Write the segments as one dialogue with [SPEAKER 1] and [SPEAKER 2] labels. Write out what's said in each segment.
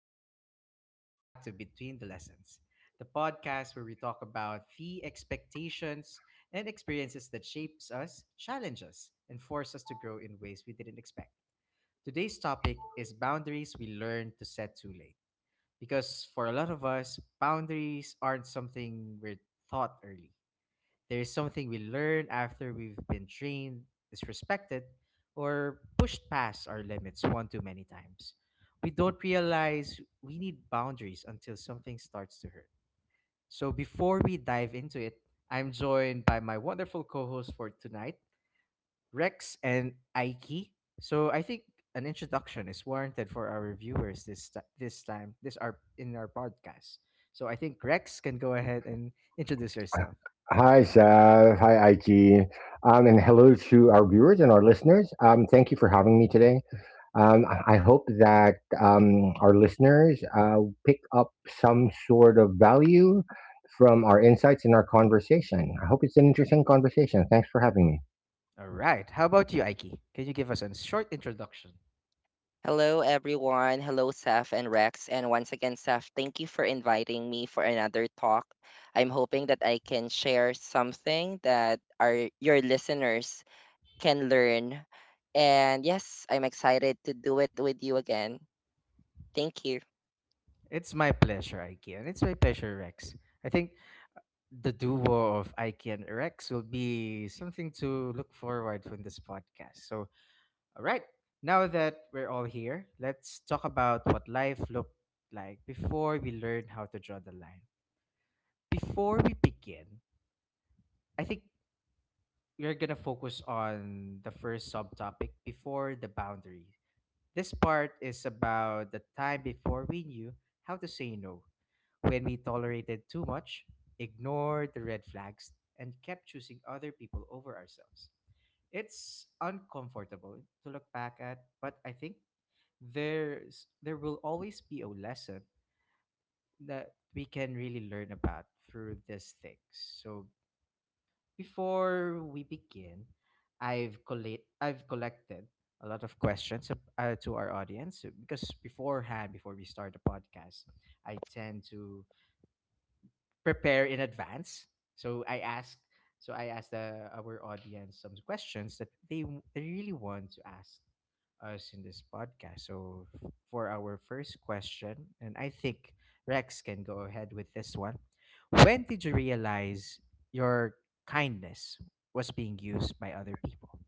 [SPEAKER 1] Seth, and welcome back to Between the Lessons, the podcast where we talk about the expectations and experiences that shapes us, challenge us, and force us to grow in ways we didn't expect. Today's topic is boundaries we learn to set too late. Because for a lot of us, boundaries aren't something we're taught early. There is something we learn after we've been trained, disrespected, or pushed past our limits one too many times. We don't realize we need boundaries until something starts to hurt. So before we dive into it, I'm joined by my wonderful co-host for tonight, Rex and Aiki. So I think an introduction is warranted for our viewers this time this our in our podcast. So I think Rex can go ahead and introduce herself.
[SPEAKER 2] Hi, Sav. Hi, IG. And hello to our viewers and our listeners. Thank you for having me today. I hope that our listeners pick up some sort of value from our insights in our conversation. I hope it's an interesting conversation. Thanks for having me.
[SPEAKER 1] All right. How about you, Aiki? Can you give us a short introduction?
[SPEAKER 3] Hello, everyone. Hello, Seth and Rex. And once again, Seth, thank you for inviting me for another talk. I'm hoping that I can share something that our your listeners can learn. And yes, I'm excited to do it with you again. Thank you.
[SPEAKER 1] It's my pleasure, Ikea, and it's my pleasure, Rex. I think the duo of Ikea and Rex will be something to look forward to in this podcast. So, all right, now that we're all here, let's talk about what life looked like before we learned how to draw the line. Before we begin, I think we're gonna focus on the first subtopic before the boundary. This part is about the time before we knew how to say no, when we tolerated too much, ignored the red flags, and kept choosing other people over ourselves. It's uncomfortable to look back at, but I think there will always be a lesson that we can really learn about through these things. So before we begin, I've collected a lot of questions to our audience because beforehand, before we start the podcast, I tend to prepare in advance. So I asked, our audience some questions that they really want to ask us in this podcast. So for our first question, and I think Rex can go ahead with this one. When did you realize your kindness was being used by other people?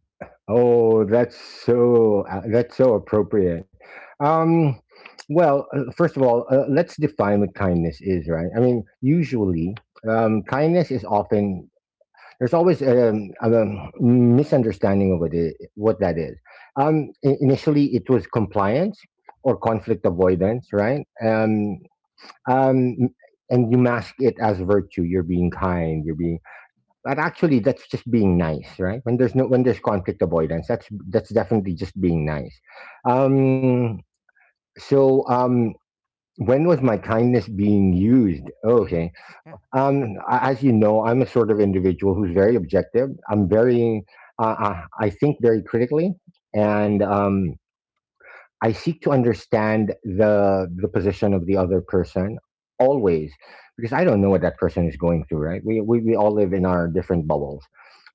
[SPEAKER 2] Oh, that's so appropriate. Um, well, first of all, let's define what kindness is, right? I mean, usually, kindness is often there's always a misunderstanding of what that is. Initially, it was compliance or conflict avoidance, right? Um, and you mask it as virtue. You're being kind. You're being, but actually that's just being nice. Right? When there's no, when there's conflict avoidance, that's definitely just being nice. um so um when was my kindness being used?
[SPEAKER 1] Mm-hmm.
[SPEAKER 2] Okay,
[SPEAKER 1] Yeah.
[SPEAKER 2] as you know, I'm a sort of individual who's very objective. I'm very, I think, very critically. And I seek to understand the position of the other person always, because I don't know what that person is going through, right? We all live in our different bubbles.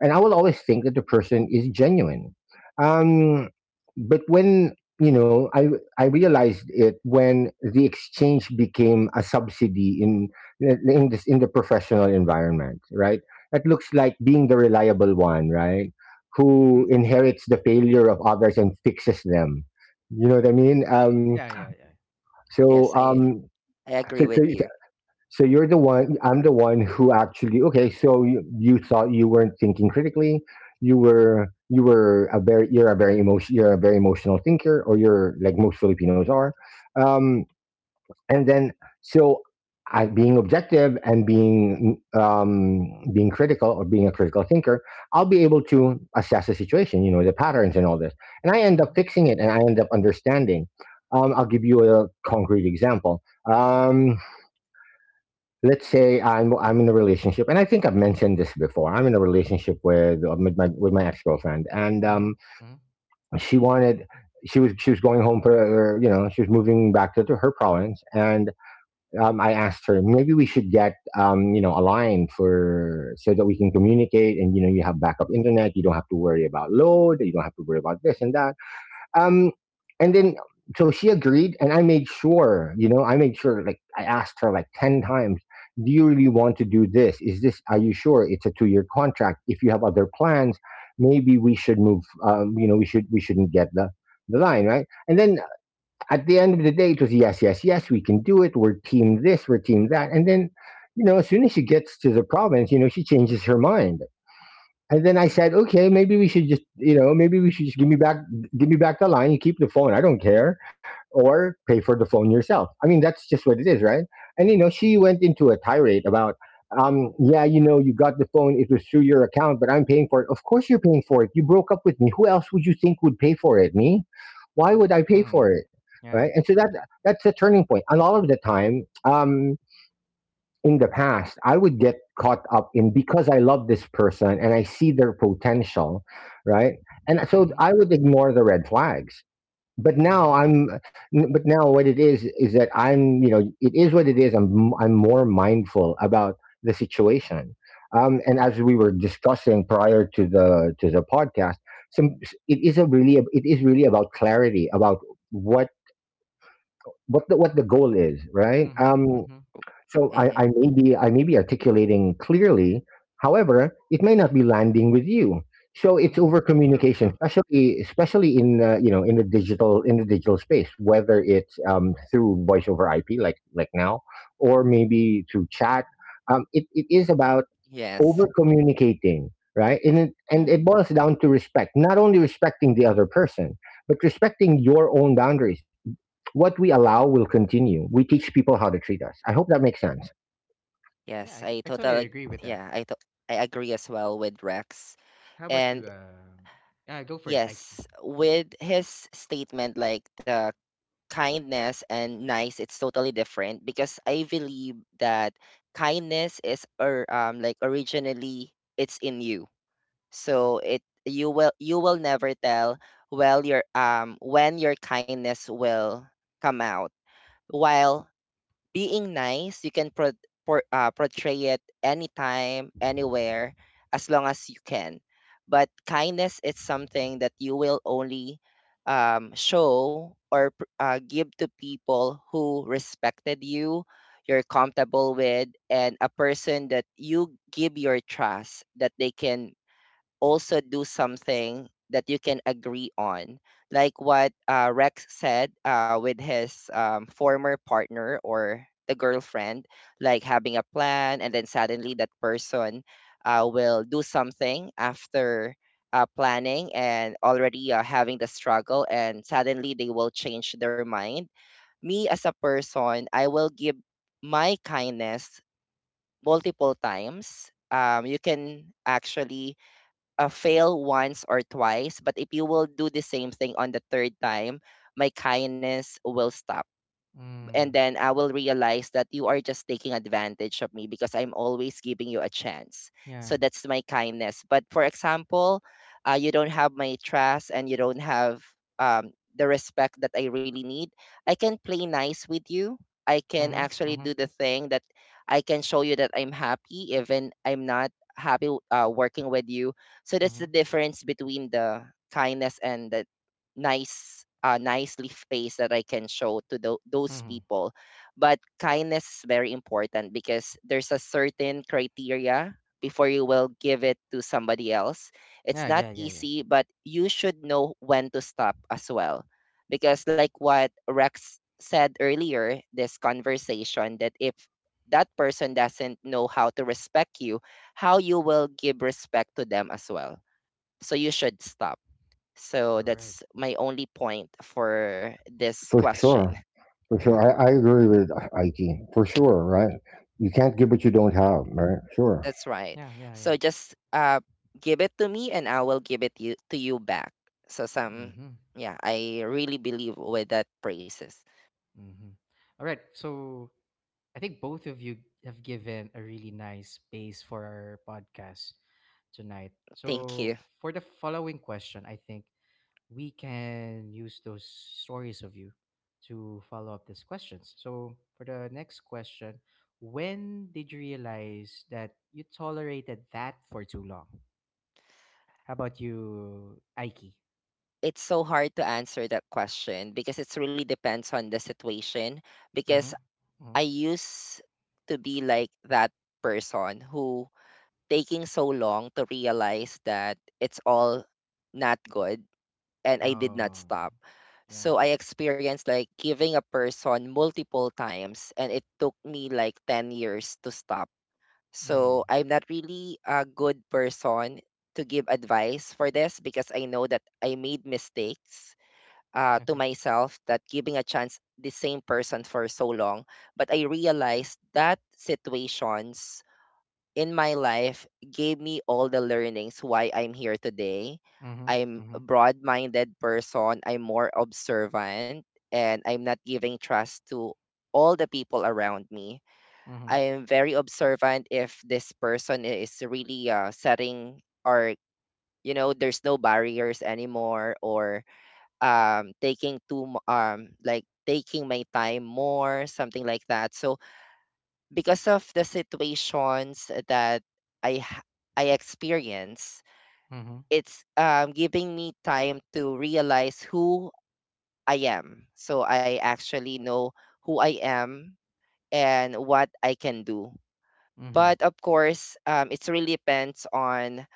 [SPEAKER 2] And I will always think that the person is genuine. Um but when you know, I realized it when the exchange became a subsidy in the professional environment, right? That looks like being the reliable one, right?
[SPEAKER 1] Mm-hmm.
[SPEAKER 2] Who inherits the failure of others and fixes them, you know what I mean?
[SPEAKER 1] Yeah. Yeah. Yeah.
[SPEAKER 2] So,
[SPEAKER 3] Yes, I
[SPEAKER 2] um,
[SPEAKER 3] I
[SPEAKER 2] so,
[SPEAKER 3] agree
[SPEAKER 2] so,
[SPEAKER 3] with you.
[SPEAKER 2] so you're the one. I'm the one who actually. Okay, so you thought you weren't thinking critically. You were. You were a very. You're a very emotion. You're a very emotional thinker, or you're like most Filipinos are. Um, and then, so I, being objective and being being critical or being a critical thinker, I'll be able to assess the situation, you know, the patterns and all this, and I end up
[SPEAKER 1] Mm-hmm.
[SPEAKER 2] fixing it and I end up understanding. I'll give you a concrete example. Um, let's say I'm in a relationship, and I think I've mentioned this before. I'm in a relationship with my, with my ex girlfriend, and
[SPEAKER 1] Mm-hmm. Mm-hmm.
[SPEAKER 2] she wanted, she was, she was going home for, you know, she was moving back to her province, and I asked her, maybe we should get, you know, a line for, so that we can communicate, and you know, you have backup internet, you don't have to worry about load, you don't have to worry about this and that. Um, and then so she agreed, and I made sure, you know, I made sure, like I asked her like 10 times, do you really want to do this? Is this? Are you sure it's a two-year contract? If you have other plans, maybe we should move. You know, we shouldn't get the line, right? And then at the end of the day, it was yes, yes, yes, we can do it. We're team this, we're team that. And then, you know, as soon as she gets to the province, you know, she changes her mind. And then I said, okay, maybe we should just, you know, maybe we should just give me back the line. You keep the phone. I don't care, or pay for the phone yourself. I mean, that's just what it is, right? And you know, she went into a tirade about, yeah, you know, you got the phone. It was through your account, but I'm paying for it. Of course, you're paying for it. You broke up with me. Who else would you think would pay for it? Me? Why would I pay for
[SPEAKER 1] Mm-hmm.
[SPEAKER 2] it? Right?
[SPEAKER 1] Yeah.
[SPEAKER 2] And so that, that's a turning point. And all of the time. In the past, I would get caught up in because I love this person and I see their potential, right? And so
[SPEAKER 1] Mm-hmm.
[SPEAKER 2] I would ignore the red flags. But now
[SPEAKER 1] Mm-hmm.
[SPEAKER 2] I'm, but now what it is that I'm, you know, it is what it is. I'm more mindful about the situation. And as we were discussing prior to the podcast, some, it is a really, it is really about clarity about what, what the goal is, right?
[SPEAKER 1] Mm-hmm. Mm-hmm.
[SPEAKER 2] So I,
[SPEAKER 3] Hmm.
[SPEAKER 2] I may be articulating clearly. However, it may not be landing with you. So it's
[SPEAKER 1] Mm-hmm.
[SPEAKER 2] over
[SPEAKER 1] True.
[SPEAKER 2] communication,
[SPEAKER 1] True.
[SPEAKER 2] especially in you know, in the digital space, whether it's through voice over IP like now, or maybe through chat. It is about over
[SPEAKER 3] Yes,
[SPEAKER 2] communicating, right? And
[SPEAKER 1] Yeah,
[SPEAKER 2] it boils down to respect, not only respecting the other person, but respecting your own boundaries. What we allow will continue. We teach people how to treat us. I hope that makes sense.
[SPEAKER 1] yeah,
[SPEAKER 3] yes,
[SPEAKER 1] I, c-
[SPEAKER 3] I
[SPEAKER 1] I totally
[SPEAKER 3] totally
[SPEAKER 1] agree with that.
[SPEAKER 3] yeah, I agree as well with Rex.
[SPEAKER 1] How about
[SPEAKER 3] And
[SPEAKER 1] you? Go for it, Ike.
[SPEAKER 3] yes, with his statement, like, the kindness and nice, it's totally different, because I believe that kindness is, or like, originally it's in you, so it you will never tell, well, your when your kindness will come out. While being nice, you can portray it anytime, anywhere, as long as you can. But kindness is something that you will only show, or give to people who respected you, you're comfortable with, and a person that you give your trust that they can also do something that you can agree on, like what Rex said with his former partner or the girlfriend, like having a plan, and then suddenly that person will do something after planning and already having the struggle, and suddenly they will change their mind. Me as a person, I will give my kindness multiple times. You can actually fail once or twice, but if you will do the same thing on the third time, my kindness will stop, and
[SPEAKER 1] Mm,
[SPEAKER 3] then I will realize that you are just taking advantage of me because I'm always giving you a chance. So
[SPEAKER 1] yeah.
[SPEAKER 3] that's my kindness. But for example, you don't have my trust and you don't have the respect that I really need. I can play nice with you. I can
[SPEAKER 1] Mm-hmm.
[SPEAKER 3] actually
[SPEAKER 1] Mm-hmm.
[SPEAKER 3] do the thing that I can show you that I'm happy, even I'm not happy working with you. So that's the
[SPEAKER 1] Mm-hmm.
[SPEAKER 3] difference between the kindness and the nicely face that I can show to those
[SPEAKER 1] Mm-hmm.
[SPEAKER 3] people. But kindness is very important because there's a certain criteria before you will give it to somebody else. It's
[SPEAKER 1] Yeah,
[SPEAKER 3] not
[SPEAKER 1] yeah, yeah, yeah.
[SPEAKER 3] easy, but you should know when to stop as well. Because, like what Rex said earlier, this conversation, that if that person doesn't know how to respect you, how you will give respect to them as well. So you should stop. So
[SPEAKER 1] All right.
[SPEAKER 3] that's my only point for this
[SPEAKER 2] For
[SPEAKER 3] question.
[SPEAKER 2] sure. For
[SPEAKER 1] All
[SPEAKER 2] sure.
[SPEAKER 1] right.
[SPEAKER 2] I agree
[SPEAKER 1] Yeah.
[SPEAKER 2] with IT. For sure, right? You can't give what you don't have, right? Sure.
[SPEAKER 3] That's right.
[SPEAKER 1] Yeah. Yeah.
[SPEAKER 3] So
[SPEAKER 1] Yeah.
[SPEAKER 3] just give it to me and I will give it you to you back. So some
[SPEAKER 1] Mm-hmm.
[SPEAKER 3] yeah, I really believe with that praises.
[SPEAKER 1] Mm-hmm. All right. So I think both of you have given a really nice space for our podcast tonight.
[SPEAKER 3] Thank
[SPEAKER 1] So
[SPEAKER 3] you.
[SPEAKER 1] for the following question, I think we can use those stories of you to follow up these questions. So, for the next question, when did you realize that you tolerated that for too long? How about you, Aiki?
[SPEAKER 3] It's so hard to answer that question because it really depends on the situation, because
[SPEAKER 1] Mm-hmm. Mm-hmm.
[SPEAKER 3] I used to be like that person who taking so long to realize that it's all not good, and I did not
[SPEAKER 1] Oh,
[SPEAKER 3] stop.
[SPEAKER 1] yeah.
[SPEAKER 3] So I experienced like giving a person multiple times, and it took me like 10 years to stop. So
[SPEAKER 1] Mm.
[SPEAKER 3] I'm not really a good person to give advice for this, because I know that I made mistakes to
[SPEAKER 1] Okay.
[SPEAKER 3] myself, that giving a chance the same person for so long. But I realized that situations in my life gave me all the learnings why I'm here today.
[SPEAKER 1] Mm-hmm.
[SPEAKER 3] I'm a
[SPEAKER 1] Mm-hmm.
[SPEAKER 3] broad-minded person, I'm more observant, and I'm not giving trust to all the people around me.
[SPEAKER 1] Mm-hmm.
[SPEAKER 3] I am very observant if this person is really setting, or, you know, there's no barriers anymore, or like taking my time more, something like that. So because of the situations that I ha- I experience,
[SPEAKER 1] Mm-hmm.
[SPEAKER 3] it's giving me time to realize who I am. So I actually know who I am and what I can do.
[SPEAKER 1] Mm-hmm.
[SPEAKER 3] But of course, it really depends on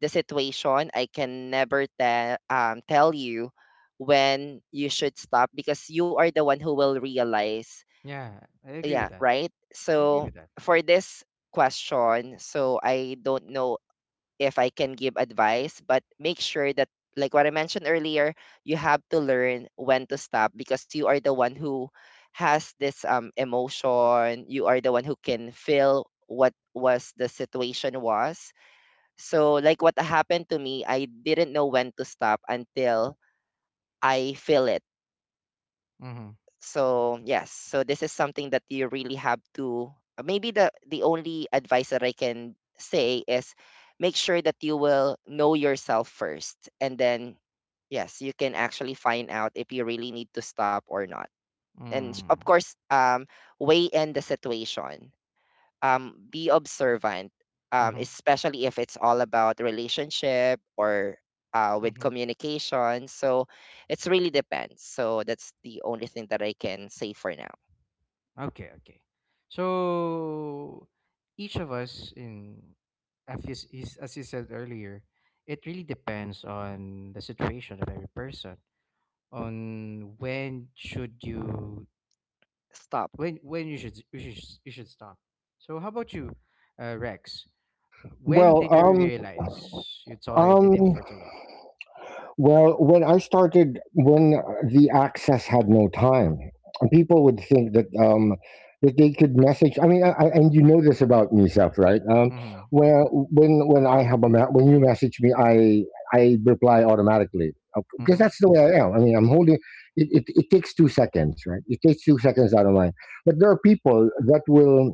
[SPEAKER 3] the situation. I can never tell you when you should stop because you are the one who will realize,
[SPEAKER 1] Yeah, I agree
[SPEAKER 3] yeah,
[SPEAKER 1] with that.
[SPEAKER 3] right?
[SPEAKER 1] I agree
[SPEAKER 3] So
[SPEAKER 1] with that.
[SPEAKER 3] for this question, so I don't know if I can give advice, but make sure that, like what I mentioned earlier, you have to learn when to stop because you are the one who has this emotion, you are the one who can feel what was the situation was. So like what happened to me, I didn't know when to stop until I feel it.
[SPEAKER 1] Mm-hmm.
[SPEAKER 3] So yes, so this is something that you really have to. Maybe the only advice that I can say is, make sure that you will know yourself first, and then yes, you can actually find out if you really need to stop or not. And of
[SPEAKER 1] Mm-hmm.
[SPEAKER 3] course, weigh in the situation, be observant, especially if it's all about relationship or with
[SPEAKER 1] Mm-hmm.
[SPEAKER 3] communication. So it's really depends. So that's the only thing that I can say for now.
[SPEAKER 1] Okay, okay. So each of us, in as you said earlier, it really depends on the situation of every person on
[SPEAKER 3] Stop.
[SPEAKER 1] when you should stop. So how about you, Rex? When
[SPEAKER 2] Well,
[SPEAKER 1] did you
[SPEAKER 2] um,
[SPEAKER 1] realize you
[SPEAKER 2] um,
[SPEAKER 1] tolerated it for too long?
[SPEAKER 2] Well, when I started, when the access had no time, people would think that that they could message. I mean, and you know this about me, Seth, right?
[SPEAKER 1] Mhm.
[SPEAKER 2] Where when I have when you message me, I reply automatically because
[SPEAKER 1] Mhm.
[SPEAKER 2] that's the way I am. I mean, I'm holding. It takes 2 seconds, right? It takes 2 seconds out of mine. But there are people that will,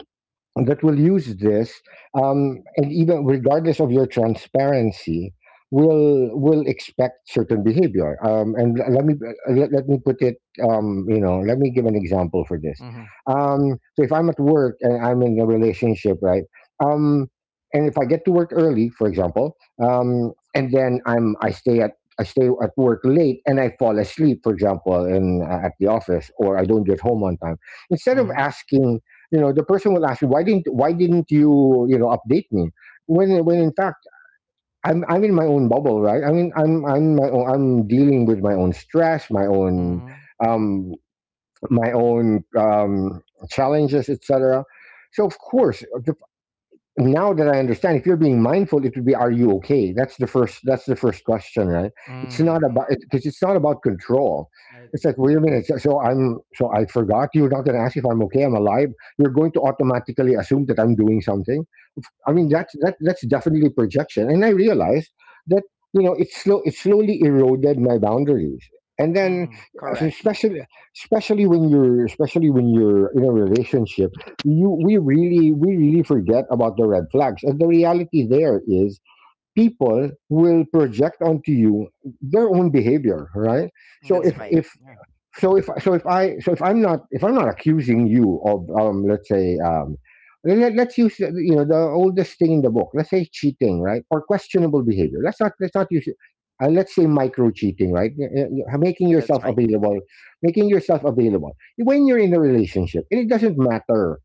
[SPEAKER 2] that will use this, and even regardless of your transparency, will expect certain behavior. Let me, let me put it, you know, let me give an example for this.
[SPEAKER 1] Mhm.
[SPEAKER 2] So if I'm at work and I'm in a relationship, right? Um, and if I get to work early, for example, and then I stay at work late and I fall asleep, for example, in at the office, or I don't get home on time. Instead of
[SPEAKER 1] Mhm.
[SPEAKER 2] asking, you know, the person will ask you, why didn't you, you know, update me, when in fact I'm in my own bubble, right? I mean, I'm my own, I'm dealing with my own stress,
[SPEAKER 1] Mhm.
[SPEAKER 2] um my own challenges, etc. So of course the now that I understand, if you're being mindful, it would be, "Are you okay?" That's the first. That's the first question, right? It's not
[SPEAKER 1] Mm.
[SPEAKER 2] about, because it's not about control.
[SPEAKER 1] I
[SPEAKER 2] It's
[SPEAKER 1] agree.
[SPEAKER 2] like, wait a minute. So I'm. So I forgot. You're not going to ask if I'm okay. I'm alive. You're going to automatically assume that I'm doing something. I mean,
[SPEAKER 1] Mhm.
[SPEAKER 2] that's that, that's definitely projection. And I realized that, you know, it slowly eroded my boundaries. And then,
[SPEAKER 1] Mhm.
[SPEAKER 2] uh,
[SPEAKER 3] Correct.
[SPEAKER 2] especially especially when you're, especially when you're in a relationship, you we really, we really forget about the red flags. And the reality there is people will project onto you their own behavior, right? So
[SPEAKER 3] That's
[SPEAKER 1] Mm.
[SPEAKER 3] right.
[SPEAKER 2] if
[SPEAKER 1] Yeah.
[SPEAKER 2] so if I- so if I So if I'm not, if I'm not accusing you of, let's say, let's use, you know, the oldest thing in the book, let's say cheating, right? Or questionable behavior. Let's not use it. Let's say micro cheating, right? Making
[SPEAKER 3] That's
[SPEAKER 2] yourself
[SPEAKER 3] right.
[SPEAKER 2] available, making yourself available when you're in a relationship. And it doesn't matter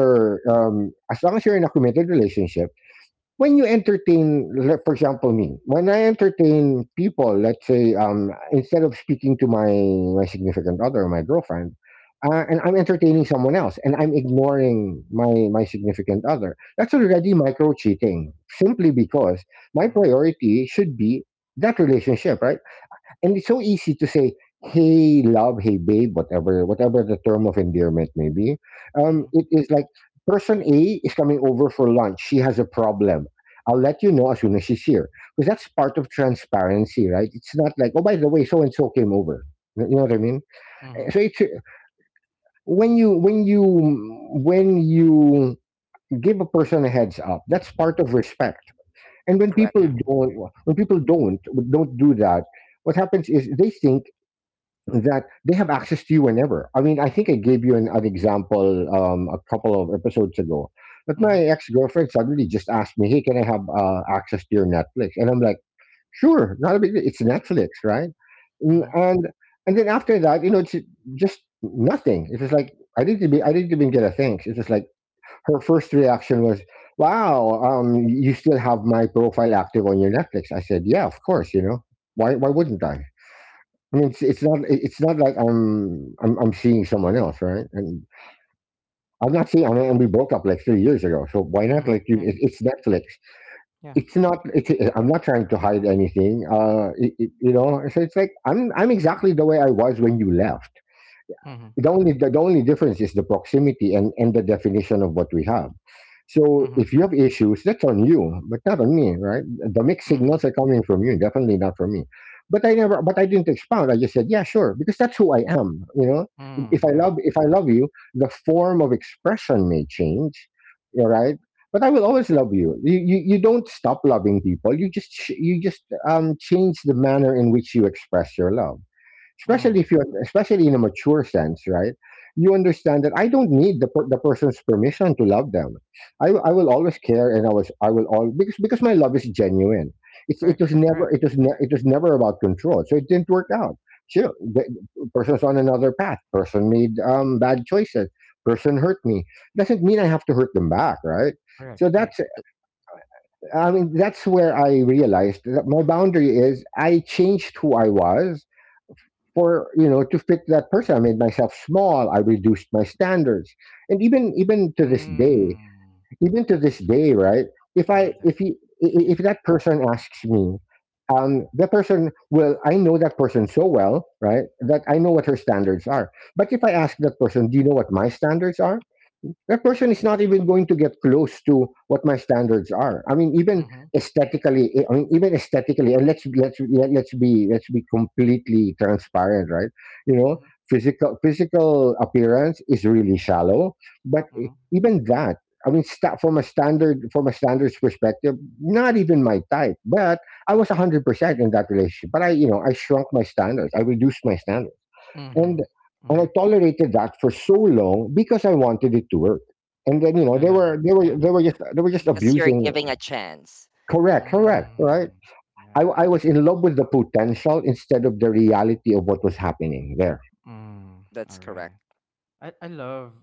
[SPEAKER 1] Yeah.
[SPEAKER 2] as long as you're in a committed relationship, when you entertain, like, for example, me, when I entertain people, let's say, instead of speaking to my significant other, my girlfriend, and I'm entertaining someone else, and I'm ignoring my significant other, that's already micro cheating, simply because my
[SPEAKER 1] Mm-hmm.
[SPEAKER 2] priority should be that relationship, right? And it's so easy to say, hey love, hey babe, whatever, whatever the term of endearment may be.
[SPEAKER 1] Mhm,
[SPEAKER 2] It is like, person A is coming over for lunch, she has a problem, I'll let you know as soon as she's here, because that's part of transparency, right? It's not like, oh, by the way, so and so came over, you know what I mean. Eh,
[SPEAKER 1] mhm,
[SPEAKER 2] so it's when you when you When you give a person a heads up, that's part of respect. And when
[SPEAKER 3] Correct.
[SPEAKER 2] people
[SPEAKER 1] yeah,
[SPEAKER 2] don't, when people don't do that, what happens is they think that they have access to you whenever. I mean, I think I gave you an example a couple of episodes ago, that my
[SPEAKER 1] mhm,
[SPEAKER 2] ex girlfriend suddenly just asked me, "Hey, can I have access to your Netflix?" And I'm like, "Sure, not a big deal. It's Netflix, right?" Mm,
[SPEAKER 1] mhm,
[SPEAKER 2] And and then after that, you know, it's just nothing. It was like I didn't even get a thanks. It was like her first reaction was, "Wow, you still have my profile active on your Netflix?" I said, "Yeah, of course. You know, why wouldn't I?" I mean, it's not like I'm seeing someone else, right? And I'm not seeing. I mean, and we broke up like 3 years ago, so why not? Like,
[SPEAKER 1] mhm, yeah,
[SPEAKER 2] it's Netflix.
[SPEAKER 1] yeah,
[SPEAKER 2] It's not. It's, I'm not trying to hide anything. It, it, you know. So it's like I'm exactly the way I was when you left.
[SPEAKER 1] mhm,
[SPEAKER 2] The only difference is the proximity and the definition of what we have. So
[SPEAKER 1] mhm,
[SPEAKER 2] if you have issues, that's on you, but not on me, right? The mixed
[SPEAKER 1] mhm,
[SPEAKER 2] signals are coming from you, definitely not from me. But I didn't expound. I just said, yeah, sure, because that's who I am, you know.
[SPEAKER 1] mm,
[SPEAKER 2] if i
[SPEAKER 1] yeah,
[SPEAKER 2] love if I love you, the form of expression may change, all right? But I will always love you. You don't stop loving people. You just change the manner in which you express your love, especially
[SPEAKER 1] mm,
[SPEAKER 2] if you especially in a mature sense, right? You understand that I don't need the person's permission to love them. I will always care, and I was I will all because my love is genuine. it's it
[SPEAKER 1] correct,
[SPEAKER 2] was never
[SPEAKER 1] correct,
[SPEAKER 2] it was ne- it was never about control, so it didn't work out. Sure, the person's on another path. Person made bad choices. Person hurt me. Doesn't mean I have to hurt them back, right? So
[SPEAKER 1] correct, correct.
[SPEAKER 2] that's, I mean, that's where I realized that my boundary is, I changed who I was for, you know, to fit that person. I made myself small. I reduced my standards. And even to this day,
[SPEAKER 1] Mm,
[SPEAKER 2] even to this day, right? if
[SPEAKER 1] I
[SPEAKER 2] i
[SPEAKER 1] love that.
[SPEAKER 2] if he i- i-
[SPEAKER 1] Yeah.
[SPEAKER 2] if that person asks me, that person will, I know that person so well, right, that I know what her standards are. But if I ask that person, do you know what my standards are? That person is not even going to get close to what my standards are. I mean, even
[SPEAKER 1] Mhm,
[SPEAKER 2] aesthetically, I mean, even aesthetically, and let's be completely transparent, right? You know,
[SPEAKER 1] mhm,
[SPEAKER 2] physical appearance is really shallow, but
[SPEAKER 1] mhm,
[SPEAKER 2] even that, I mean, sta from a standard from a standards perspective, not even my type. But I was 100% in that relationship. But I, you know, I shrunk my standards. I reduced my standards, and
[SPEAKER 1] mhm,
[SPEAKER 2] I
[SPEAKER 1] mhm.
[SPEAKER 2] tolerated that for so long because I wanted it to work. And then, you know,
[SPEAKER 1] I
[SPEAKER 2] they
[SPEAKER 1] love
[SPEAKER 2] were
[SPEAKER 1] that.
[SPEAKER 2] they were
[SPEAKER 1] Yeah.
[SPEAKER 2] they were just
[SPEAKER 3] Because you're
[SPEAKER 2] abusing.
[SPEAKER 3] giving a chance.
[SPEAKER 2] Correct, correct, right.
[SPEAKER 1] Mm, yeah.
[SPEAKER 2] I was in love with the potential instead of the reality of what was happening there.
[SPEAKER 1] Mm,
[SPEAKER 3] That's
[SPEAKER 1] all
[SPEAKER 3] correct.
[SPEAKER 1] right. I love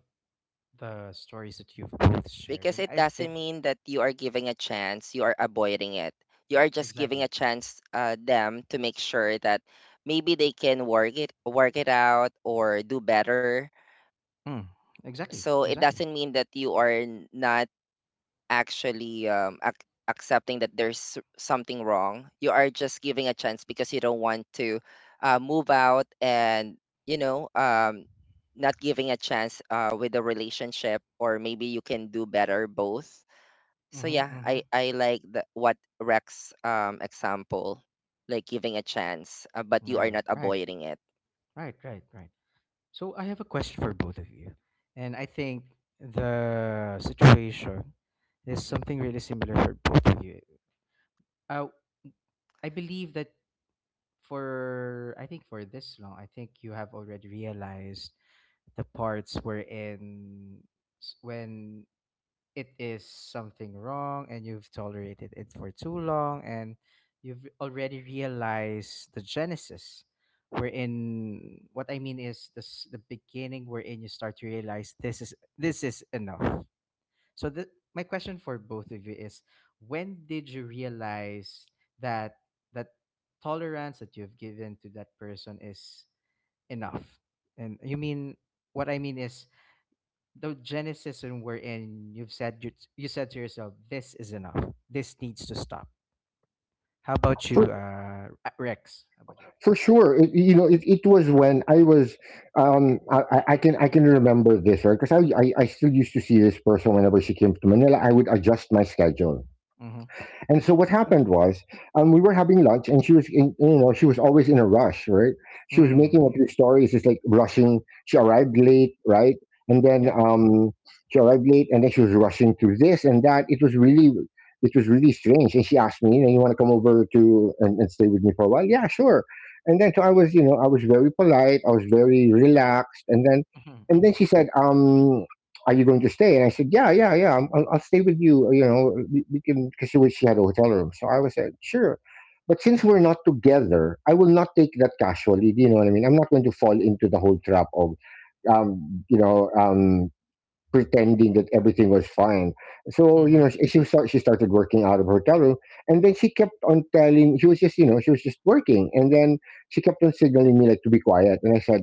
[SPEAKER 1] the stories that you've both shared,
[SPEAKER 3] Because
[SPEAKER 1] and
[SPEAKER 3] it
[SPEAKER 1] I
[SPEAKER 3] doesn't
[SPEAKER 1] think.
[SPEAKER 3] mean that you are giving a chance, you are avoiding it. You are just giving
[SPEAKER 1] Exactly.
[SPEAKER 3] a chance them to make sure that maybe they can work it out or do better.
[SPEAKER 1] Mm, exactly,
[SPEAKER 3] So it
[SPEAKER 1] exactly.
[SPEAKER 3] doesn't mean that you are not actually accepting that there's something wrong. You are just giving a chance because you don't want to move out and, you know um, not giving a chance with the relationship, or maybe you can do better both. So
[SPEAKER 1] Mhm,
[SPEAKER 3] yeah, i,
[SPEAKER 1] mhm.
[SPEAKER 3] I like what Rex, example, like giving a chance, but
[SPEAKER 1] All
[SPEAKER 3] you are
[SPEAKER 1] right,
[SPEAKER 3] not
[SPEAKER 1] right,
[SPEAKER 3] avoiding it.
[SPEAKER 1] right, right, right. So I have a question for both of you. And I think the situation is something really similar for both of you. Uh, I believe that, for, I think, for this long, I think you have already realized the parts wherein, when it is something wrong and you've tolerated it for too long, and you've already realized the genesis, wherein what I mean is this: the beginning, wherein you start to realize this is enough. So my question for both of you is: when did you realize that that tolerance that you've given to that person is enough? And you mean, what I mean is the genesis and wherein you've said, you said to yourself, "This is enough. This needs to stop." How about you,
[SPEAKER 2] For
[SPEAKER 1] Rex? How about you,
[SPEAKER 2] for
[SPEAKER 1] Rex?
[SPEAKER 2] sure, it, you know, it was when I was, I can remember this, right, because I still used to see this person whenever she came to Manila. I would adjust my schedule.
[SPEAKER 1] Mm-hmm.
[SPEAKER 2] And so what happened was, we were having lunch, and she was, in, you know, she was always in a rush, right? She was making
[SPEAKER 1] Mm.
[SPEAKER 2] up these stories, just like rushing. She arrived late, right? And then,
[SPEAKER 1] Yeah.
[SPEAKER 2] she arrived late, and then she was rushing through this and that. It was really strange. And she asked me, you know, you want to come over to and, stay with me for a while? Yeah, sure. And then so I was, you know, I was very polite. I was very relaxed.
[SPEAKER 1] Mm-hmm.
[SPEAKER 2] And then
[SPEAKER 1] Mm-hmm.
[SPEAKER 2] she said, are you going to stay? And I said, yeah, yeah, yeah, I'm, I'll stay with you. You know, we can, because she had a hotel room. So I was like, sure. But since we're not together, I will not take that casually. Do you know what I mean? I'm not going to fall into the whole trap of, um, you know, um, pretending that everything was fine. So, you know,
[SPEAKER 1] Mm-hmm.
[SPEAKER 2] she started working out of her hotel room. And then she kept on telling, she was just, you know, she was just working. And then she kept on signaling me like to be quiet. And I said,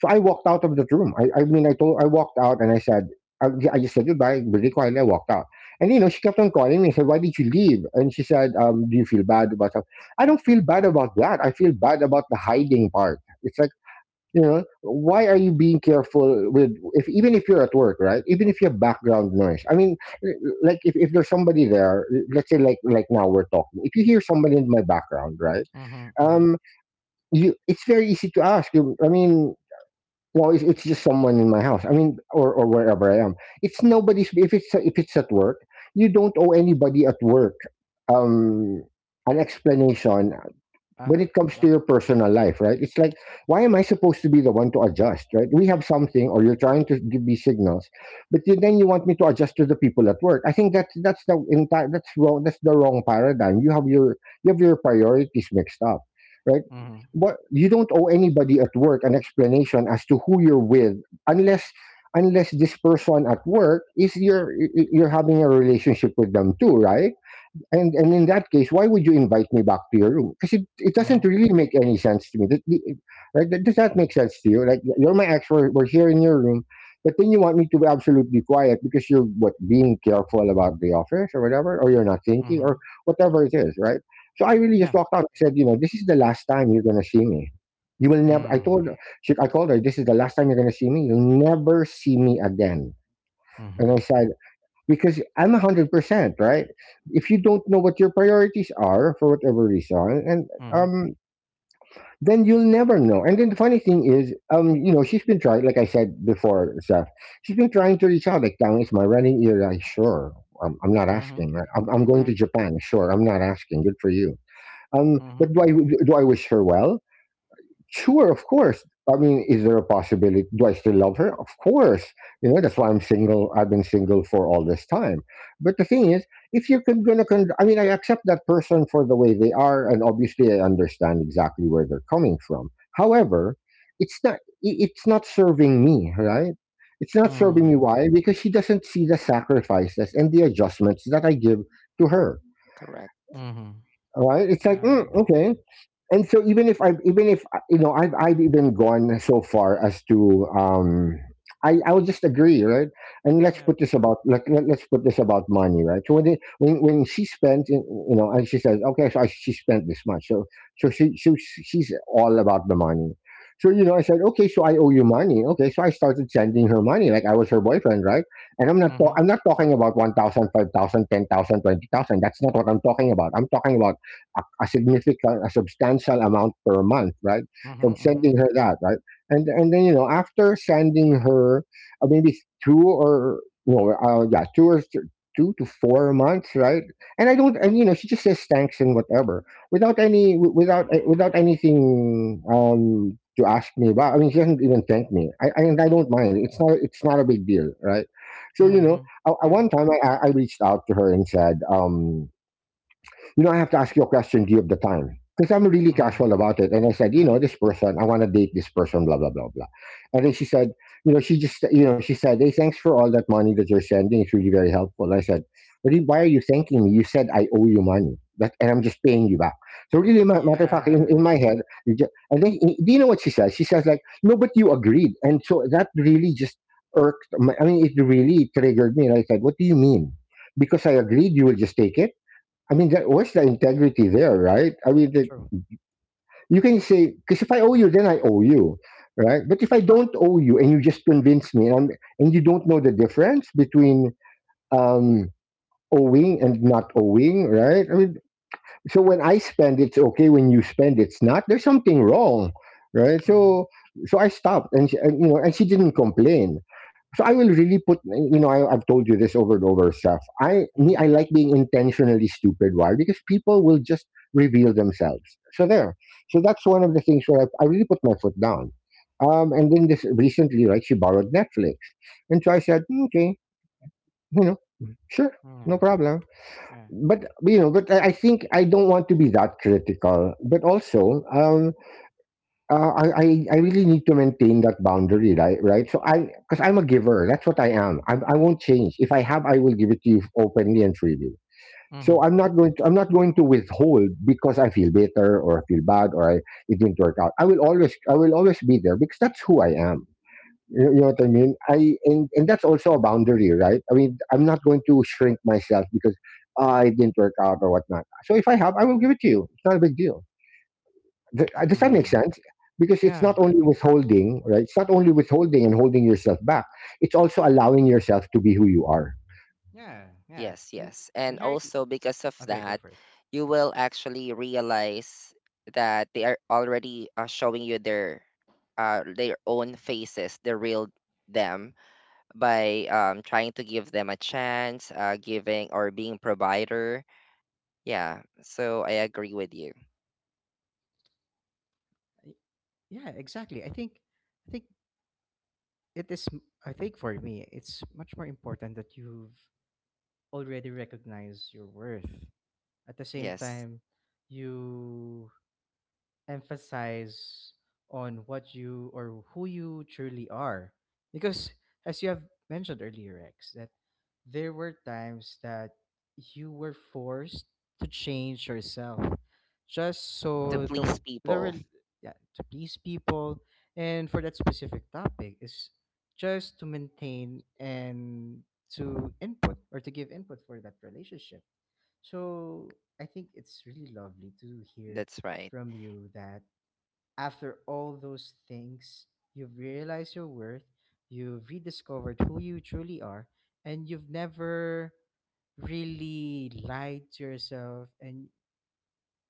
[SPEAKER 2] so I walked out of that room. I mean, I told, I walked out, and I said, I just said goodbye, really quietly. I walked out. And, you know, she kept on calling me. I said, why did you leave? And she said, do you feel bad about something? I don't feel bad about that. I feel bad about the hiding part. It's like, you know, why are you being careful with, if even if you're at work, right? Even if you have background noise. I mean, like if there's somebody there, let's say like now we're talking, if you hear somebody in my background, right?
[SPEAKER 1] Mm-hmm. Mm-hmm.
[SPEAKER 2] um, you, it's very easy to ask. You, I mean, well, it's just someone in my house. I mean, or wherever I am. It's nobody's. If it's at work, you don't owe anybody at work um, an explanation
[SPEAKER 1] Ah.
[SPEAKER 2] when it comes to
[SPEAKER 1] Yeah.
[SPEAKER 2] your personal life, right? It's like, why am I supposed to be the one to adjust, right? We have something, or you're trying to give me signals, but then you want me to adjust to the people at work. I think that's the entire that's wrong. That's the wrong paradigm. You have your, you have your priorities mixed up, right?
[SPEAKER 1] Mm-hmm.
[SPEAKER 2] What, you don't owe anybody at work an explanation as to who you're with, unless, unless this person at work is your, you're having a relationship with them too, right? And in that case, why would you invite me back to your room? Because it doesn't
[SPEAKER 1] Mm-hmm.
[SPEAKER 2] really make any sense to me. Right? That, does that make sense to you? Like, you're my ex, we're here in your room, but then you want me to be absolutely quiet because you're what, being careful about the office or whatever, or you're not thinking
[SPEAKER 1] Mm-hmm.
[SPEAKER 2] or whatever it is, right? So I really just
[SPEAKER 1] Yeah.
[SPEAKER 2] walked out and said, you know, this is the last time you're gonna see me. You will never. I told
[SPEAKER 1] Mm.
[SPEAKER 2] her, I called her, this is the last time you're gonna see me. You'll never see me again. And I
[SPEAKER 1] Mm-hmm.
[SPEAKER 2] said, because I'm 100%, right? If you don't know what your priorities are for whatever reason, and,
[SPEAKER 1] Mm-hmm.
[SPEAKER 2] um, then you'll never know. And then the funny thing is, you know, she's been trying, like I said before, Seth, she's been trying to reach out, like, down is my running ear, like, sure. I'm not
[SPEAKER 1] Mm-hmm.
[SPEAKER 2] asking, right? I'm going
[SPEAKER 1] Yeah.
[SPEAKER 2] to Japan. Sure, I'm not asking. Good for you.
[SPEAKER 1] Mm-hmm.
[SPEAKER 2] But do I, do I wish her well? Sure, of course. I mean, is there a possibility? Do I still love her? Of course. You know, that's why I'm single. I've been single for all this time. But the thing is, if you're con- gonna, con- I mean, I accept that person for the way they are, and obviously, I understand exactly where they're coming from. However, It's not serving me, right? It's not serving me.
[SPEAKER 1] Mm-hmm.
[SPEAKER 2] Why? Because she doesn't see the sacrifices and the adjustments that I give to her.
[SPEAKER 3] Correct.
[SPEAKER 1] Mm-hmm.
[SPEAKER 2] All right. It's like,
[SPEAKER 1] Yeah.
[SPEAKER 2] mm, okay, and so even if, you know, I've even gone so far as to, I'll just agree, right, and
[SPEAKER 1] Yeah.
[SPEAKER 2] let's put this about money, right? So when when she spent, you know, and she says, okay, so she spent this much, so so she so she's all about the money. So, you know, I said, okay, so I owe you money. Okay, so I started sending her money like I was her boyfriend, right? And I'm not ta-
[SPEAKER 1] Mm-hmm.
[SPEAKER 2] I'm not talking about one thousand, five thousand, ten thousand, twenty thousand. That's not what I'm talking about. I'm talking about a significant, a substantial amount per month, right?
[SPEAKER 1] Mm-hmm.
[SPEAKER 2] So I'm
[SPEAKER 1] Mm-hmm.
[SPEAKER 2] sending her that, right? And then, you know, after sending her, maybe two or no, yeah, two or 2 to 4 months, right? And I don't, and you know, she just says thanks and whatever, without any, without anything to ask me about. I mean, she doesn't even thank me. I And I don't mind. It's not a big deal, right? So you know,
[SPEAKER 1] Mm-hmm. Yeah.
[SPEAKER 2] One time I reached out to her and said, you know, I have to ask you a question. Do you have the time? Because I'm really casual
[SPEAKER 1] Mm.
[SPEAKER 2] about it. And I said, you
[SPEAKER 1] Mm-hmm.
[SPEAKER 2] know, this person, I want to date this person, blah, blah, blah, blah. And then she said, you know, she said, hey, thanks for all that money that you're sending. It's really very helpful. I said, but why are you thanking me? You said I owe you money. And I'm just paying you back. So really, matter of fact, in
[SPEAKER 1] Yeah.
[SPEAKER 2] my head, you ju- and then do you know what she says? She says like, no, but you agreed. And so that really just irked. I mean, it really triggered me. And I said, what do you mean? Because I agreed, you will just take it. I mean, what's the integrity there, right? I mean, that
[SPEAKER 1] True.
[SPEAKER 2] you can say, because if I owe you, then I owe you, right? But if I don't owe you and you just convince me, and you don't know the difference between um, owing and not owing, right? I mean, so when I spend, it's okay. When you spend, it's not. There's something wrong, right?
[SPEAKER 1] Mm-hmm.
[SPEAKER 2] So so I stopped, and you know, and she didn't complain. So I will really put, you know, I've told you this over and over, stuff.
[SPEAKER 1] Mm-hmm.
[SPEAKER 2] I like being intentionally stupid. Why? Because people will just reveal themselves. So there. So that's one of the things where I really put my foot down. And then this recently, right? She borrowed Netflix, and so I said, "Mm, okay, you know, sure, no
[SPEAKER 1] Yeah,
[SPEAKER 2] problem,
[SPEAKER 1] yeah.
[SPEAKER 2] but you know, but I think I don't want to be that critical. But also, uh, I, I I really need to maintain that boundary, right? Right. So I, because I'm a giver, that's what I am. I won't change. If I have, I will give it to you openly and freely. So
[SPEAKER 1] Mhm,
[SPEAKER 2] I'm not going to I'm not going to withhold because I feel bitter or I feel bad or it didn't work out. I will always be there because that's who I am. You know what I mean? I And that's also a boundary, right? I mean, I'm not going to shrink myself because I didn't work out or whatnot. So if I have, I will give it to you. It's not a big deal. Does that make
[SPEAKER 1] mhm.
[SPEAKER 2] sense? Because it's not
[SPEAKER 1] Yeah,
[SPEAKER 2] only withholding, right? It's not only withholding and holding yourself back. It's also allowing yourself to be who you are.
[SPEAKER 1] yeah, yeah.
[SPEAKER 3] Yes,
[SPEAKER 1] And
[SPEAKER 3] yes. And
[SPEAKER 1] inherently.
[SPEAKER 3] also because of
[SPEAKER 1] Okay, go
[SPEAKER 3] that,
[SPEAKER 1] for it.
[SPEAKER 3] you will actually realize that they are already showing you their own faces, the real them, by trying to give them a chance, giving or being provider. Yeah, so I agree with you.
[SPEAKER 1] Y- Yeah, exactly. I think it is. I think for me, it's much more important that you've already recognized your worth. At the same
[SPEAKER 3] Yes,
[SPEAKER 1] time, you emphasize on what you or who you truly are. Because as you have mentioned earlier, Rex, that there were times that you were forced to change yourself just
[SPEAKER 3] to
[SPEAKER 1] so
[SPEAKER 3] please
[SPEAKER 1] the
[SPEAKER 3] people.
[SPEAKER 1] rel Yeah, to please people, and for that specific topic is just to maintain and to input or to give input for that relationship. So I think it's really lovely to hear
[SPEAKER 3] That's right.
[SPEAKER 1] from you that after all those things, you've realized your worth, you've rediscovered who you truly are, and you've never really lied to yourself, and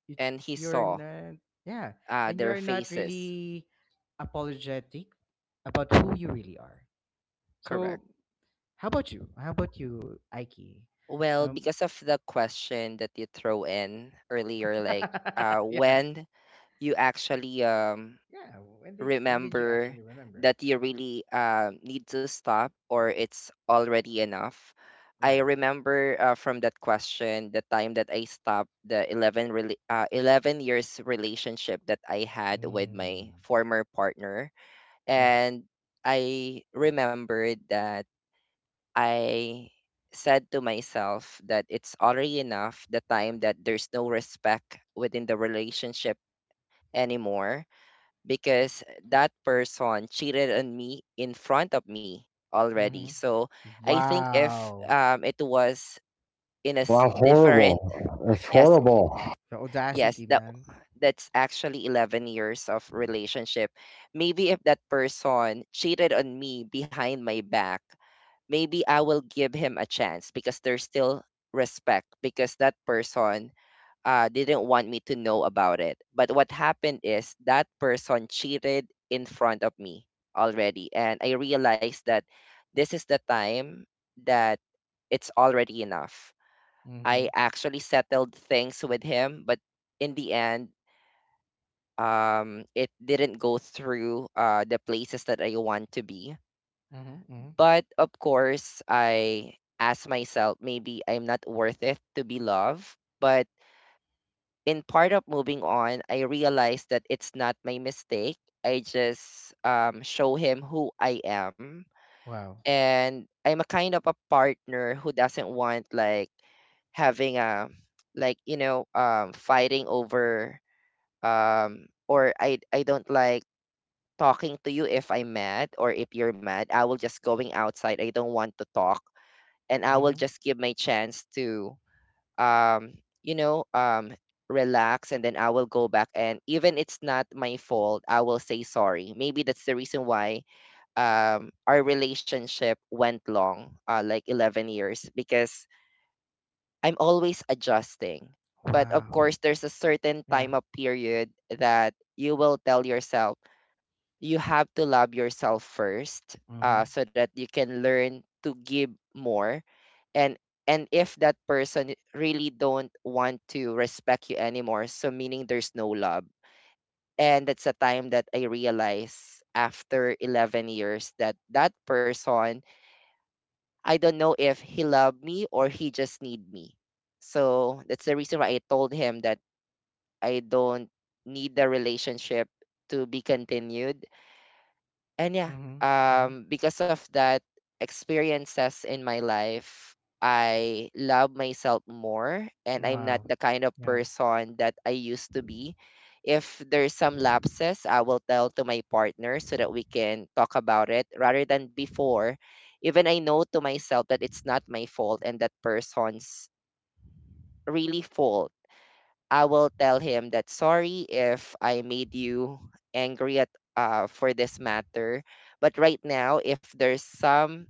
[SPEAKER 1] you,
[SPEAKER 3] And he
[SPEAKER 1] you're
[SPEAKER 3] saw
[SPEAKER 1] not. Yeah. And
[SPEAKER 3] their
[SPEAKER 1] you're not
[SPEAKER 3] faces.
[SPEAKER 1] really apologetic about who you really are.
[SPEAKER 3] Correct.
[SPEAKER 1] So how about you Aiki?
[SPEAKER 3] Well,
[SPEAKER 1] um
[SPEAKER 3] because of the question that you throw in earlier, like
[SPEAKER 1] yeah.
[SPEAKER 3] when you actually
[SPEAKER 1] Yeah, when did you
[SPEAKER 3] remember
[SPEAKER 1] actually remember?
[SPEAKER 3] that you really need to stop, or it's already enough. I
[SPEAKER 1] Yeah.
[SPEAKER 3] remember from that question the time that I stopped the 11 years relationship that I had with my
[SPEAKER 1] Mm.
[SPEAKER 3] former partner. And I remembered that I said to myself that it's already enough, the time that there's no respect within the relationship anymore, because that person cheated on me in front of me already.
[SPEAKER 1] Mhm.
[SPEAKER 3] So I think if,
[SPEAKER 1] Wow.
[SPEAKER 3] it was in a
[SPEAKER 2] Wow,
[SPEAKER 3] different—
[SPEAKER 2] horrible! That's
[SPEAKER 3] Yes,
[SPEAKER 2] horrible.
[SPEAKER 1] The
[SPEAKER 3] yes.
[SPEAKER 1] audacity,
[SPEAKER 3] that
[SPEAKER 1] man.
[SPEAKER 3] that's actually 11 years of relationship. Maybe if that person cheated on me behind my back, maybe I will give him a chance because there's still respect, because that person didn't want me to know about it. But what happened is that person cheated in front of me already. And I realized that this is the time that it's already enough. I
[SPEAKER 1] Mhm.
[SPEAKER 3] actually settled things with him, but in the end, it didn't go through the places that I want to be.
[SPEAKER 1] Mhm. Mhm.
[SPEAKER 3] But of course, I ask myself, maybe I'm not worth it to be loved. But in part of moving on, I realized that it's not my mistake. I just show him who I am.
[SPEAKER 1] Wow.
[SPEAKER 3] And I'm a kind of a partner who doesn't want, like, having a, like, fighting over, or I don't like talking to you if I'm mad, or if you're mad I will just going outside. I don't want to talk, and I will
[SPEAKER 1] Mhm.
[SPEAKER 3] just give my chance to um you know um relax, and then I will go back, and even it's not my fault I will say sorry. Maybe that's the reason why our relationship went long, like 11 years, because I'm always adjusting. But of
[SPEAKER 1] Wow.
[SPEAKER 3] course, there's a certain
[SPEAKER 1] Yeah.
[SPEAKER 3] time up period that you will tell yourself, you have to love yourself first,
[SPEAKER 1] Mhm.
[SPEAKER 3] so that you can learn to give more. And and if that person really don't want to respect you anymore, so meaning there's no love. And that's the time that I realize after 11 years that that person, I don't know if he loved me or he just need me. So that's the reason why I told him that I don't need the relationship to be continued. And yeah,
[SPEAKER 1] Mhm. Mhm.
[SPEAKER 3] because of that experiences in my life, I love myself more and I'm not
[SPEAKER 1] Wow.
[SPEAKER 3] the kind of
[SPEAKER 1] Yeah.
[SPEAKER 3] person that I used to be. If there's some lapses, I will tell to my partner so that we can talk about it rather than before. Even I know to myself that it's not my fault and that person's really fault, I will tell him that sorry if I made you angry at for this matter. But right now, if there's some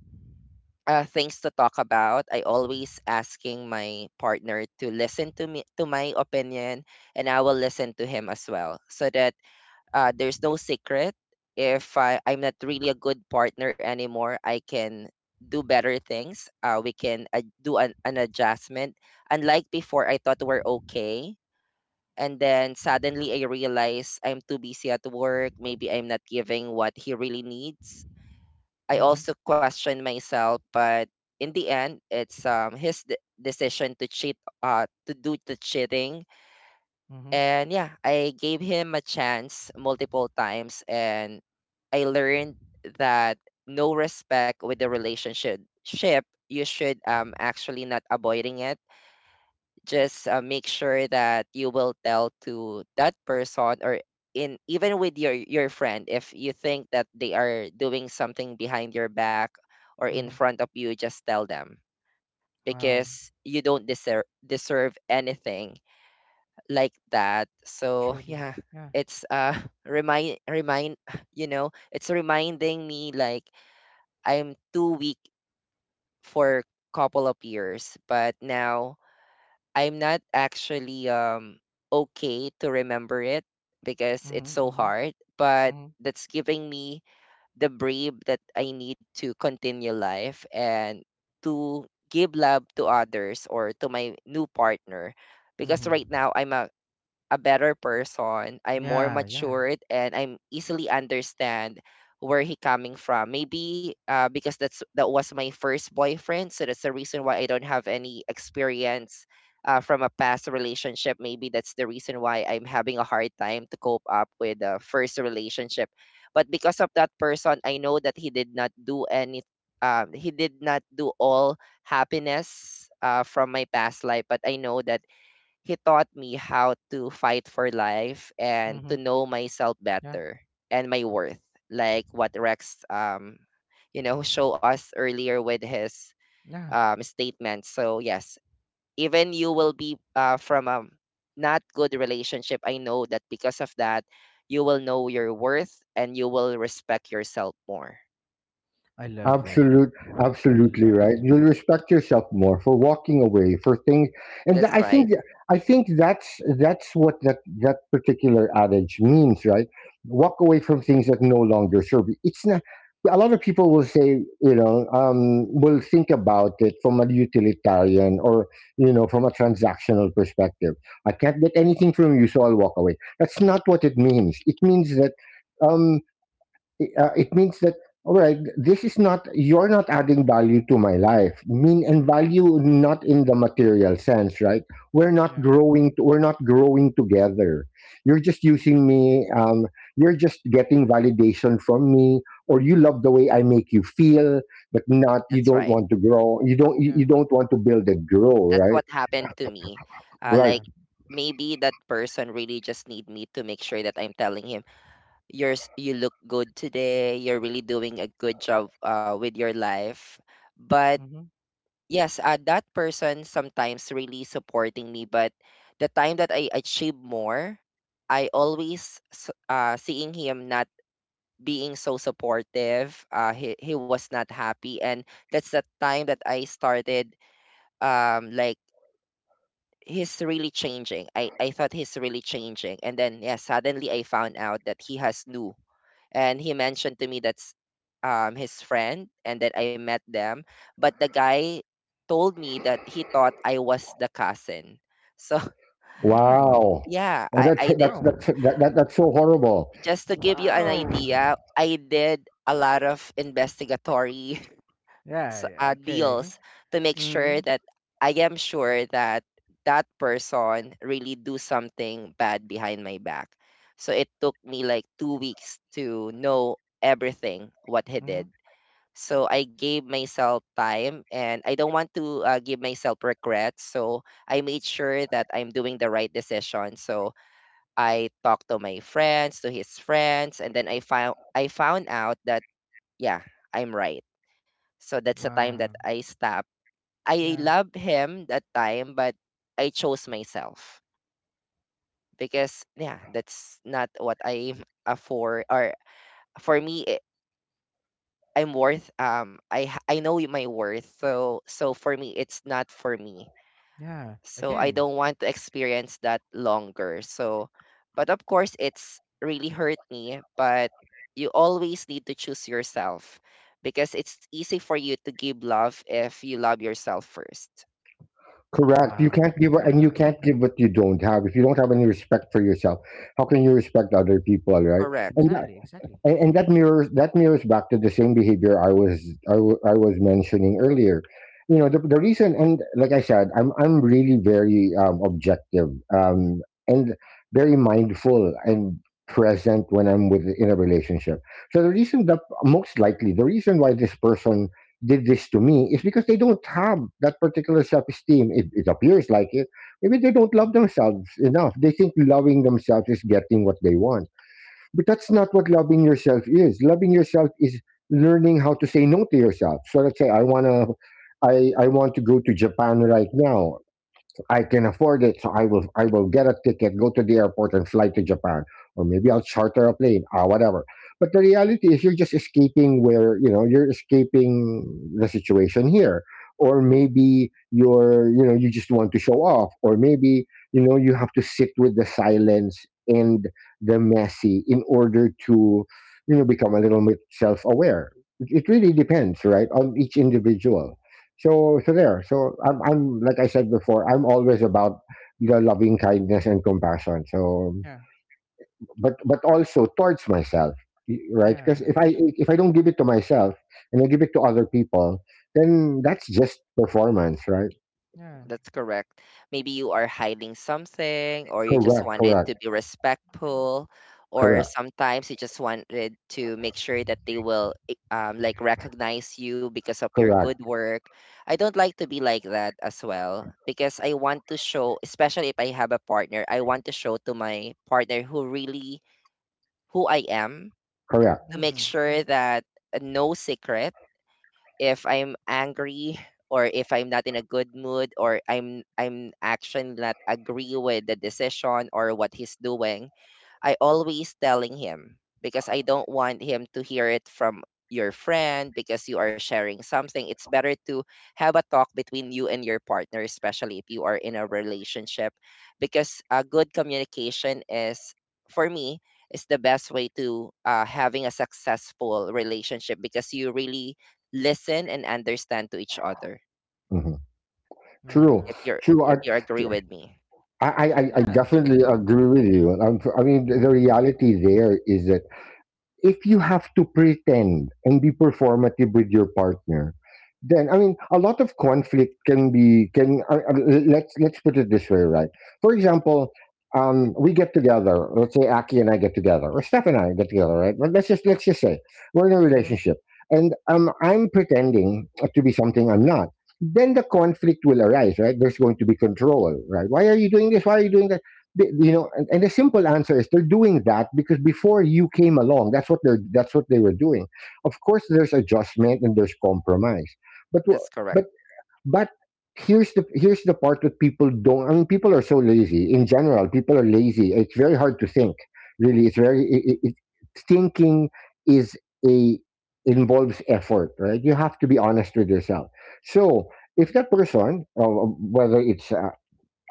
[SPEAKER 3] things to talk about, I always asking my partner to listen to me to my opinion, and I will listen to him as well, so that there's no secret. If I, I'm not really a good partner anymore, I can do better things. We can do an adjustment. Unlike before, I thought we're okay and then suddenly I realize I'm too busy at work. Maybe I'm not giving what he really needs. I
[SPEAKER 1] Mhm.
[SPEAKER 3] also question myself, but in the end, it's his decision to cheat, to do the cheating.
[SPEAKER 1] Mhm.
[SPEAKER 3] And yeah, I gave him a chance multiple times, and I learned that no respect with the relationship. You should actually not avoiding it, just make sure that you will tell to that person, or in even with your friend, if you think that they are doing something behind your back or in
[SPEAKER 1] Mhm.
[SPEAKER 3] front of you, just tell them
[SPEAKER 1] Wow.
[SPEAKER 3] because you don't deserve anything like that, so
[SPEAKER 1] Truly.
[SPEAKER 3] yeah,
[SPEAKER 1] Yeah.
[SPEAKER 3] it's remind remind it's reminding me like I'm too weak for couple of years. But now I'm not actually okay to remember it because it's
[SPEAKER 1] Mhm.
[SPEAKER 3] so
[SPEAKER 1] Mhm.
[SPEAKER 3] hard, but
[SPEAKER 1] Mhm.
[SPEAKER 3] that's giving me the brave that I need to continue life and to give love to others or to my new partner, because
[SPEAKER 1] Mhm.
[SPEAKER 3] right now I'm a better person. I'm more
[SPEAKER 1] Yeah. Yeah.
[SPEAKER 3] matured and I'm easily understand where he coming from. Maybe because that was my first boyfriend, so that's the reason why I don't have any experience from a past relationship. Maybe that's the reason why I'm having a hard time to cope up with the first relationship. But because of that person, I know that he did not do any. He did not do all happiness from my past life, but I know that he taught me how to fight for life and to
[SPEAKER 1] Mhm.
[SPEAKER 3] know myself
[SPEAKER 1] Yeah.
[SPEAKER 3] better and my worth, like what Rex, show us earlier with his
[SPEAKER 1] Yeah.
[SPEAKER 3] statement. So yes, even you will be from a not good relationship. I know that because of that, you will know your worth and you will respect yourself more.
[SPEAKER 1] I love it.
[SPEAKER 2] Absolute,
[SPEAKER 1] I
[SPEAKER 2] Absolutely
[SPEAKER 1] love
[SPEAKER 2] right.
[SPEAKER 1] it.
[SPEAKER 2] You'll respect yourself more for walking away for things, and
[SPEAKER 3] That's
[SPEAKER 2] th-
[SPEAKER 3] right.
[SPEAKER 2] I think that's what that particular adage means, right? Walk away from things that no longer serve you. It's not. A lot of people will say, you know, will think about it from a utilitarian or you know, from a transactional perspective. I can't get anything from you, so I'll walk away. That's not what it means. Um, it means that, all right, this is not, you're not adding value to my life, mean, and value not in the material sense, right? We're not
[SPEAKER 1] Yeah.
[SPEAKER 3] Mhm.
[SPEAKER 2] growing, we're not growing together. You're just using me. You're just getting validation from me, or you love the way I make you feel, but not, you
[SPEAKER 3] That's
[SPEAKER 2] don't
[SPEAKER 3] right.
[SPEAKER 2] want to grow,
[SPEAKER 1] Yeah.
[SPEAKER 2] you don't want to build and grow,
[SPEAKER 3] That's
[SPEAKER 2] right?
[SPEAKER 3] what happened to me. Uh,
[SPEAKER 2] Right.
[SPEAKER 1] Yeah.
[SPEAKER 3] like maybe that person really just need me to make sure that I'm telling him, "You look good today. You're really doing a good job with your life." But
[SPEAKER 1] Mhm.
[SPEAKER 3] yes, that person sometimes really supporting me. But the time that I achieve more, I always seeing him not being so supportive. He was not happy, and that's the time that I started like he's really changing. I thought he's really changing. And then yeah, suddenly I found out that he has new. And he mentioned to me that's his friend and that I met them. But the guy told me that he thought I was the cousin. So
[SPEAKER 1] Mm.
[SPEAKER 2] Wow,
[SPEAKER 3] yeah, I,
[SPEAKER 2] that's
[SPEAKER 3] I did,
[SPEAKER 1] Wow.
[SPEAKER 2] that's so horrible.
[SPEAKER 3] just to give you an
[SPEAKER 1] Wow.
[SPEAKER 3] idea, I did a lot of investigatory
[SPEAKER 1] Yeah, yeah,
[SPEAKER 3] deals
[SPEAKER 1] okay.
[SPEAKER 3] to make sure
[SPEAKER 1] Mm.
[SPEAKER 3] that I am sure that that person really do something bad behind my back. So it took me like 2 weeks to know everything what he
[SPEAKER 1] Mhm.
[SPEAKER 3] did. So I gave myself time and I don't want to give myself regrets. So I made sure that I'm doing the right decision. So I talked to my friends, to his friends, and then I found out that yeah, I'm right. So that's the time that
[SPEAKER 1] Wow.
[SPEAKER 3] I stop. I
[SPEAKER 1] Yeah.
[SPEAKER 3] love him that time, but I chose myself because yeah, that's not what I'm for. Or for me, I'm worth. I know my worth. So for me, it's not for me.
[SPEAKER 1] Yeah.
[SPEAKER 3] So I
[SPEAKER 1] Again.
[SPEAKER 3] don't want to experience that longer. So, but of course, it's really hurt me. But you always need to choose yourself because it's easy for you to give love if you love yourself first.
[SPEAKER 2] Correct. You
[SPEAKER 1] Wow.
[SPEAKER 2] can't give, and you
[SPEAKER 1] Yeah.
[SPEAKER 2] can't give what you don't have. If you don't have any respect for yourself, how can you respect other people, right?
[SPEAKER 3] Correct.
[SPEAKER 2] And
[SPEAKER 1] Exactly, exactly.
[SPEAKER 2] and that mirrors, that mirrors back to the same behavior I was mentioning earlier. You know, the reason, and like I said, I'm really very objective um, and very mindful and present when I'm with, in a relationship. So the reason, that most likely the reason why this person did this to me, is because they don't have that particular self-esteem. It appears like it. Maybe they don't love themselves enough. They think loving themselves is getting what they want, but that's not what loving yourself is. Loving yourself is learning how to say no to yourself. So let's say I want to go to Japan right now. I can afford it, so I will get a ticket, go to the airport, and fly to Japan, or maybe I'll charter a plane, ah, whatever. But the reality is, you're just escaping, where you know you're escaping the situation here, or maybe you're, you know, you just want to show off, or maybe, you know, you have to sit with the silence and the messy in order to, you know, become a little bit self-aware. It really depends, right, on each individual. So so there so I'm like I said before, I'm always about the loving kindness and compassion. So,
[SPEAKER 1] Yeah.
[SPEAKER 2] but also towards myself, right? Because
[SPEAKER 1] Yeah.
[SPEAKER 2] if I don't give it to myself and I give it to other people, then that's just performance, right?
[SPEAKER 1] Yeah.
[SPEAKER 3] That's correct. Maybe you are hiding something, or you just
[SPEAKER 2] Correct,
[SPEAKER 3] wanted
[SPEAKER 2] correct.
[SPEAKER 3] to be respectful, or
[SPEAKER 2] Correct.
[SPEAKER 3] sometimes you just wanted to make sure that they will like recognize you because of your good
[SPEAKER 2] Correct,
[SPEAKER 3] work. I don't like to be like that as well because I want to show, especially if I have a partner, I want to show to my partner who I am,
[SPEAKER 2] correct.
[SPEAKER 3] to make
[SPEAKER 1] Mhm. Yeah.
[SPEAKER 3] sure that no secret, if I'm angry or if I'm not in a good mood or I'm actually not agree with the decision or what he's doing. I always telling him because I don't want him to hear it from your friend because you are sharing something. It's better to have a talk between you and your partner, especially if you are in a relationship, because a good communication is, for me, is the best way to having a successful relationship because you really listen and understand to each other.
[SPEAKER 2] Hmm, true.
[SPEAKER 1] Yeah.
[SPEAKER 3] If you're
[SPEAKER 2] true
[SPEAKER 3] if
[SPEAKER 2] I,
[SPEAKER 3] you agree with me,
[SPEAKER 2] I
[SPEAKER 1] Yeah, truly.
[SPEAKER 2] definitely agree with you. I mean, the reality there is that if you have to pretend and be performative with your partner, then, I mean, a lot of conflict can be, can let's put it this way, right? For example, we get together, let's say Aki and I get together, or Steph and I get together, right? But let's just, let's just say we're in a
[SPEAKER 1] Mhm.
[SPEAKER 2] relationship, and I'm pretending to be something I'm not. Then the conflict will arise, right? There's going to be control, right? Why are you doing this? Why are you doing that? You know, and the simple answer is, they're doing that because before you came along, that's what they're, that's what they were doing. Of course there's adjustment and there's compromise, but
[SPEAKER 3] that's
[SPEAKER 2] wh-
[SPEAKER 3] correct.
[SPEAKER 2] but but here's the, here's the part that people don't, I mean, people are so lazy, in general, people are lazy. It's very hard to think, really. It's very, thinking is a, involves effort, right? You have to be honest with yourself. So if that person, whether it's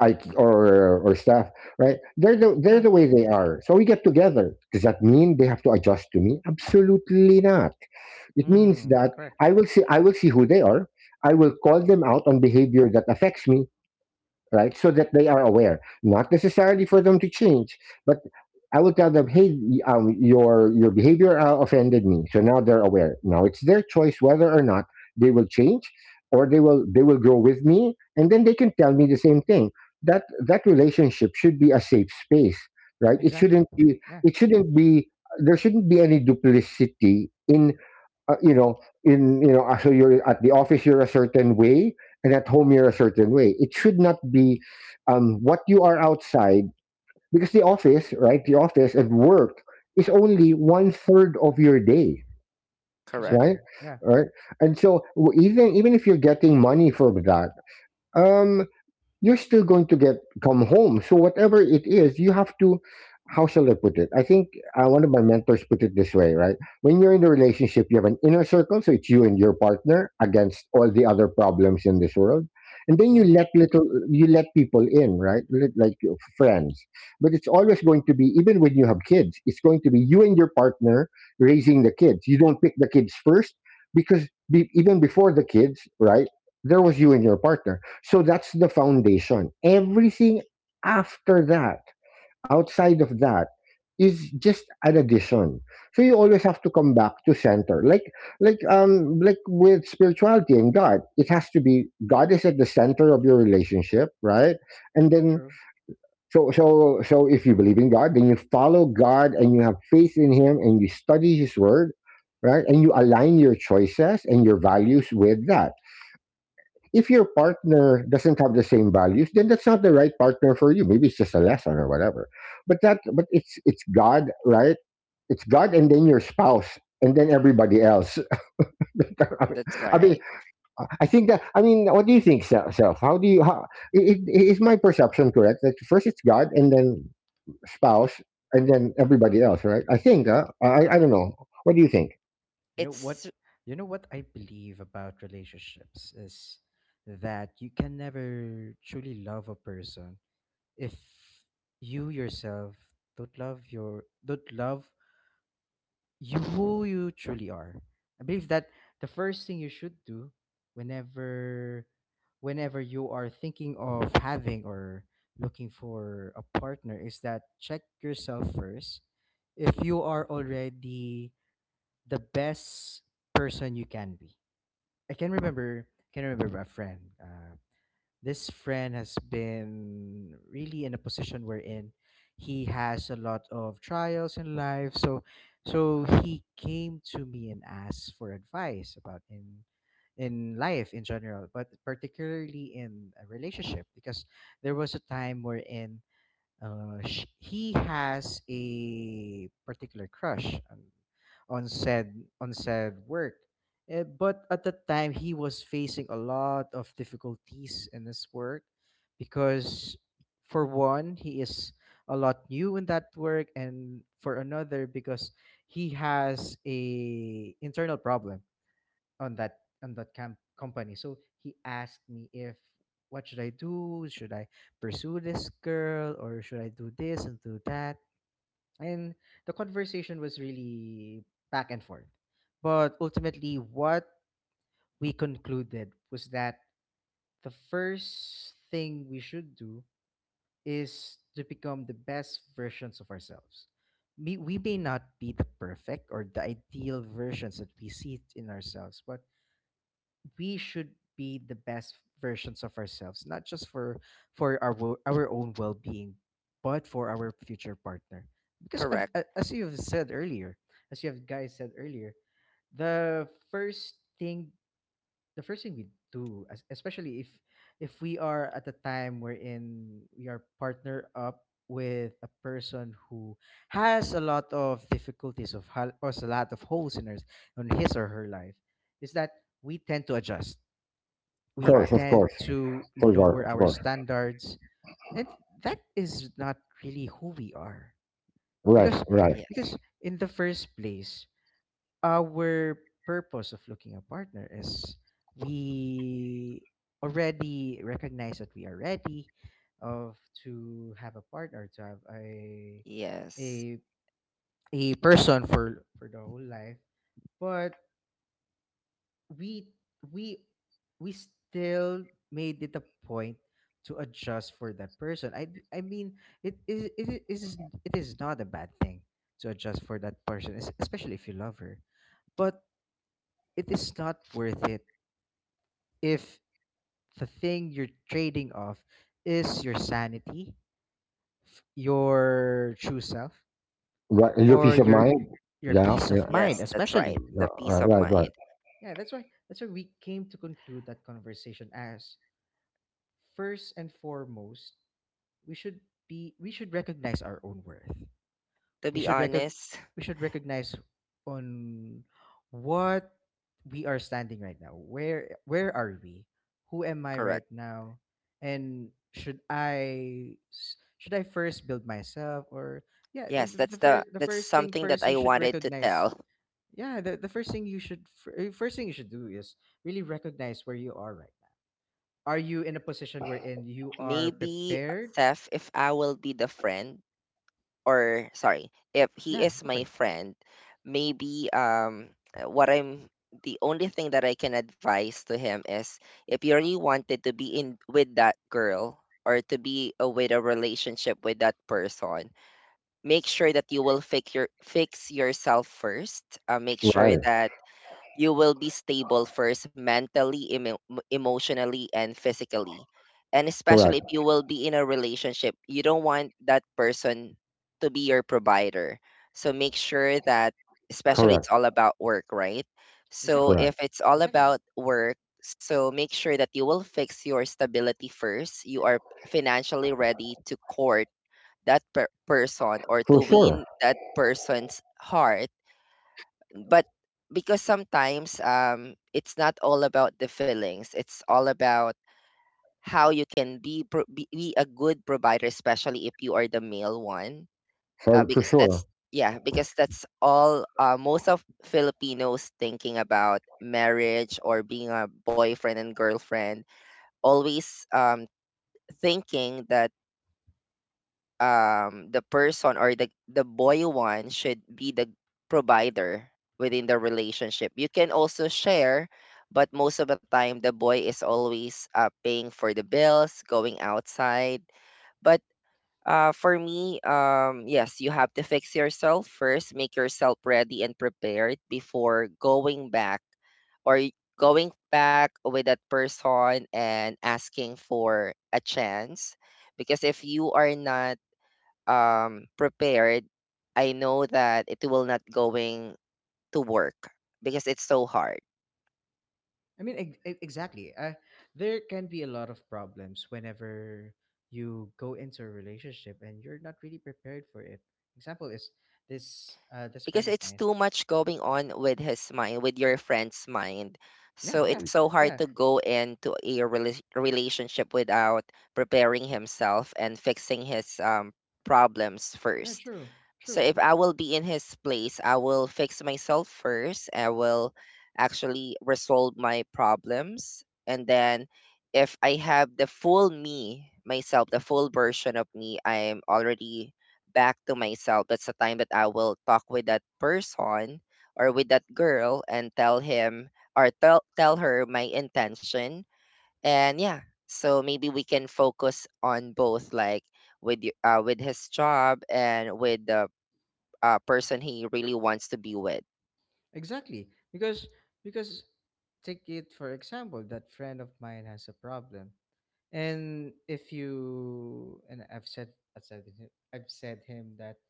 [SPEAKER 2] I, or Staff, right? They're the, they're
[SPEAKER 1] Yeah.
[SPEAKER 2] the way they are. So we get together. Does that mean they have to adjust to me? Absolutely not. It means
[SPEAKER 1] Mm,
[SPEAKER 2] that
[SPEAKER 1] correct.
[SPEAKER 2] I will see who they are. I will call them out on behavior that affects me, right? So that they are aware. Not necessarily for them to change, but I looked at them. Hey, your behavior offended me. So now they're aware. Now it's their choice whether or not they will change, or they will grow with me, and then they can tell me the same thing. That, that relationship should be a safe space, right? It
[SPEAKER 1] Exactly.
[SPEAKER 2] shouldn't be.
[SPEAKER 1] Yeah.
[SPEAKER 2] It shouldn't be. There shouldn't be any duplicity in, you know, So you're at the office, you're a certain way, and at home, you're a certain way. It should not be, what you are outside, because the office, right? The office and work is only one third of your day,
[SPEAKER 3] Correct.
[SPEAKER 2] right?
[SPEAKER 1] Exactly. Yeah.
[SPEAKER 2] Right. And so, even, even if you're getting money for that, um, you're still going to get, come home. So whatever it is, you have to. How shall I put it? I think, one of my mentors put it this way, right? When you're in a relationship, you have an inner circle, so it's you and your partner against all the other problems in this world, and then
[SPEAKER 1] Mhm.
[SPEAKER 2] you let people in, right? Like your friends, but it's always going to be, even when you have kids, it's going to be you and your partner raising the kids. You don't pick the kids first because be, even before the kids, right? There was you and your partner, so that's the foundation. Everything after that, outside of that, is just an addition. So you always have to come back to center. Like with spirituality and God, it has to be, God is at the center of your relationship, right? And then,
[SPEAKER 1] True.
[SPEAKER 2] so so if you believe in God, then you follow God and you have faith in him and you study his word, right? And you align your choices and your values with that. If your partner doesn't have the same values, then that's not the right partner for you. Maybe it's just a lesson or whatever. But that, but it's God, right? It's God, and then your spouse, and then everybody else.
[SPEAKER 3] That's
[SPEAKER 2] I
[SPEAKER 3] right.
[SPEAKER 2] mean, I think that. I mean, what do you think, self? How do you? Is my perception correct? That first it's God, and then spouse, and then everybody else, right? I think. I don't know. What do you think?
[SPEAKER 1] You know what?
[SPEAKER 3] It's
[SPEAKER 1] You know what I believe about relationships is that you can never truly love a person if you yourself don't love you who you truly are. I believe that the first thing you should do whenever whenever you are thinking of having or looking for a partner is that check yourself first, if you are already the best person you can be. I can remember a friend. This friend has been really in a position wherein he has a lot of trials in life, so he came to me and asked for advice about, in life in general, but particularly in a relationship, because there was a time wherein, he has a particular crush on, on said on said work. But at the time, he was facing a lot of difficulties in his work because, for one, he is a lot new in that work, and for another, because he has a internal problem on that, on that camp company. So he asked me, if what should I do? Should I pursue this girl or should I do this and do that? And the conversation was really back and forth. But ultimately what we concluded was that the first thing we should do is to become the best versions of ourselves. We may not be the perfect or the ideal versions that we see in ourselves, but we should be the best versions of ourselves, not just for for our own well being, but for our future partner. Because I've,
[SPEAKER 3] correct.
[SPEAKER 1] a- as you have guys said earlier, the first thing the first thing we do, as especially if we are at a time wherein we are partner up with a person who has a lot of difficulties or has a lot of holes on his or her life, is that we
[SPEAKER 3] Correct.
[SPEAKER 2] Of
[SPEAKER 1] tend
[SPEAKER 2] course,
[SPEAKER 1] to
[SPEAKER 2] for God,
[SPEAKER 1] lower
[SPEAKER 2] of
[SPEAKER 1] our
[SPEAKER 2] course.
[SPEAKER 1] standards. And that is not really who we are,
[SPEAKER 2] Right,
[SPEAKER 1] because
[SPEAKER 2] right,
[SPEAKER 3] Yes.
[SPEAKER 1] because in the first place, our purpose of looking a partner is we already recognize that we are ready of to have a partner to have
[SPEAKER 3] Yes.
[SPEAKER 1] a a person for the whole life. But we we we still made it a point to adjust for that person. I mean, it is it, it is it is not a bad thing to adjust for that person, especially if you love her. But it is not worth it if the thing you're trading off is your sanity, your true self,
[SPEAKER 2] right. Your
[SPEAKER 1] or
[SPEAKER 2] peace of
[SPEAKER 1] your
[SPEAKER 2] mind.
[SPEAKER 1] your
[SPEAKER 2] Yeah,
[SPEAKER 1] peace of
[SPEAKER 2] yeah.
[SPEAKER 1] mind,
[SPEAKER 3] Yes, that's
[SPEAKER 1] especially.
[SPEAKER 3] right.
[SPEAKER 2] Yeah,
[SPEAKER 3] The peace
[SPEAKER 2] right,
[SPEAKER 3] of
[SPEAKER 2] right, right,
[SPEAKER 3] mind.
[SPEAKER 1] Yeah, that's why we came to conclude that conversation as: first and foremost, we should we should recognize our own worth.
[SPEAKER 3] To
[SPEAKER 1] We
[SPEAKER 3] be
[SPEAKER 1] should recog-
[SPEAKER 3] honest,
[SPEAKER 1] we should recognize on what we are standing right now. Where are we? Who am I
[SPEAKER 3] correct.
[SPEAKER 1] right now? And should I first build myself, or yeah, the,
[SPEAKER 3] Yes,
[SPEAKER 1] the
[SPEAKER 3] that's
[SPEAKER 1] the
[SPEAKER 3] the
[SPEAKER 1] first the
[SPEAKER 3] that's
[SPEAKER 1] first thing
[SPEAKER 3] something
[SPEAKER 1] first
[SPEAKER 3] that I
[SPEAKER 1] you should
[SPEAKER 3] wanted to
[SPEAKER 1] recognize?
[SPEAKER 3] tell.
[SPEAKER 1] Yeah, the first thing you should fir- first thing you should do is really recognize where you are right now. Are you in a position wherein you are
[SPEAKER 3] Maybe
[SPEAKER 1] prepared?
[SPEAKER 3] Seth, if I will be the friend, or sorry, if he
[SPEAKER 1] Yeah,
[SPEAKER 3] is
[SPEAKER 1] go for
[SPEAKER 3] my
[SPEAKER 1] it.
[SPEAKER 3] friend, maybe what I'm the only thing that I can advise to him is, if you really wanted to be in with that girl or to be with a relationship with that person, make sure that you will fix yourself first. Make sure
[SPEAKER 2] right.
[SPEAKER 3] that you will be stable first mentally, emotionally, and physically. And especially
[SPEAKER 2] Correct,
[SPEAKER 3] if you will be in a relationship, you don't want that person to be your provider. So make sure that, especially it's
[SPEAKER 2] correct,
[SPEAKER 3] all about work, right? So
[SPEAKER 1] Exactly.
[SPEAKER 2] correct.
[SPEAKER 3] if it's all
[SPEAKER 1] Exactly.
[SPEAKER 3] about work, so make sure that you will fix your stability first. You are financially ready to court that person or
[SPEAKER 2] For
[SPEAKER 3] to
[SPEAKER 2] sure,
[SPEAKER 3] win that person's heart, but because sometimes it's not all about the feelings, it's all about how you can be be a good provider, especially if you are the male one,
[SPEAKER 2] for
[SPEAKER 3] because
[SPEAKER 2] sure.
[SPEAKER 3] that's, yeah, because that's all, most of filipinos thinking about marriage or being a boyfriend and girlfriend, always thinking that the person, or the boy one should be the provider within the relationship. You can also share, but most of the time the boy is always paying for the bills, going outside. But for me, yes, you have to fix yourself first, make yourself ready and prepared before going back or going back with that person and asking for a chance, because if you are not prepared, I know that it will not going to work because it's so hard.
[SPEAKER 1] I mean, exactly. There can be a lot of problems whenever you go into a relationship and you're not really prepared for it. Example is this
[SPEAKER 3] Because
[SPEAKER 1] friend of
[SPEAKER 3] it's
[SPEAKER 1] mine.
[SPEAKER 3] too much going on with his mind, with your friend's mind.
[SPEAKER 1] Yeah,
[SPEAKER 3] So it's
[SPEAKER 1] yeah,
[SPEAKER 3] so hard
[SPEAKER 1] yeah.
[SPEAKER 3] to go into a relationship without preparing himself and fixing his problems
[SPEAKER 1] No,
[SPEAKER 3] first.
[SPEAKER 1] true,
[SPEAKER 3] So
[SPEAKER 1] true.
[SPEAKER 3] if I will be in his place, I will fix myself first. I will actually resolve my problems. And then if I have the full me, myself, the full version of me, I am already back to myself. That's the time that I will talk with that person or with that girl and tell him, or tell her my intention. And yeah, so maybe we can focus on both, like with with his job and with the person he really wants to be with.
[SPEAKER 1] Exactly. Because take it for example, that friend of mine has a problem. And if you, and I've said him that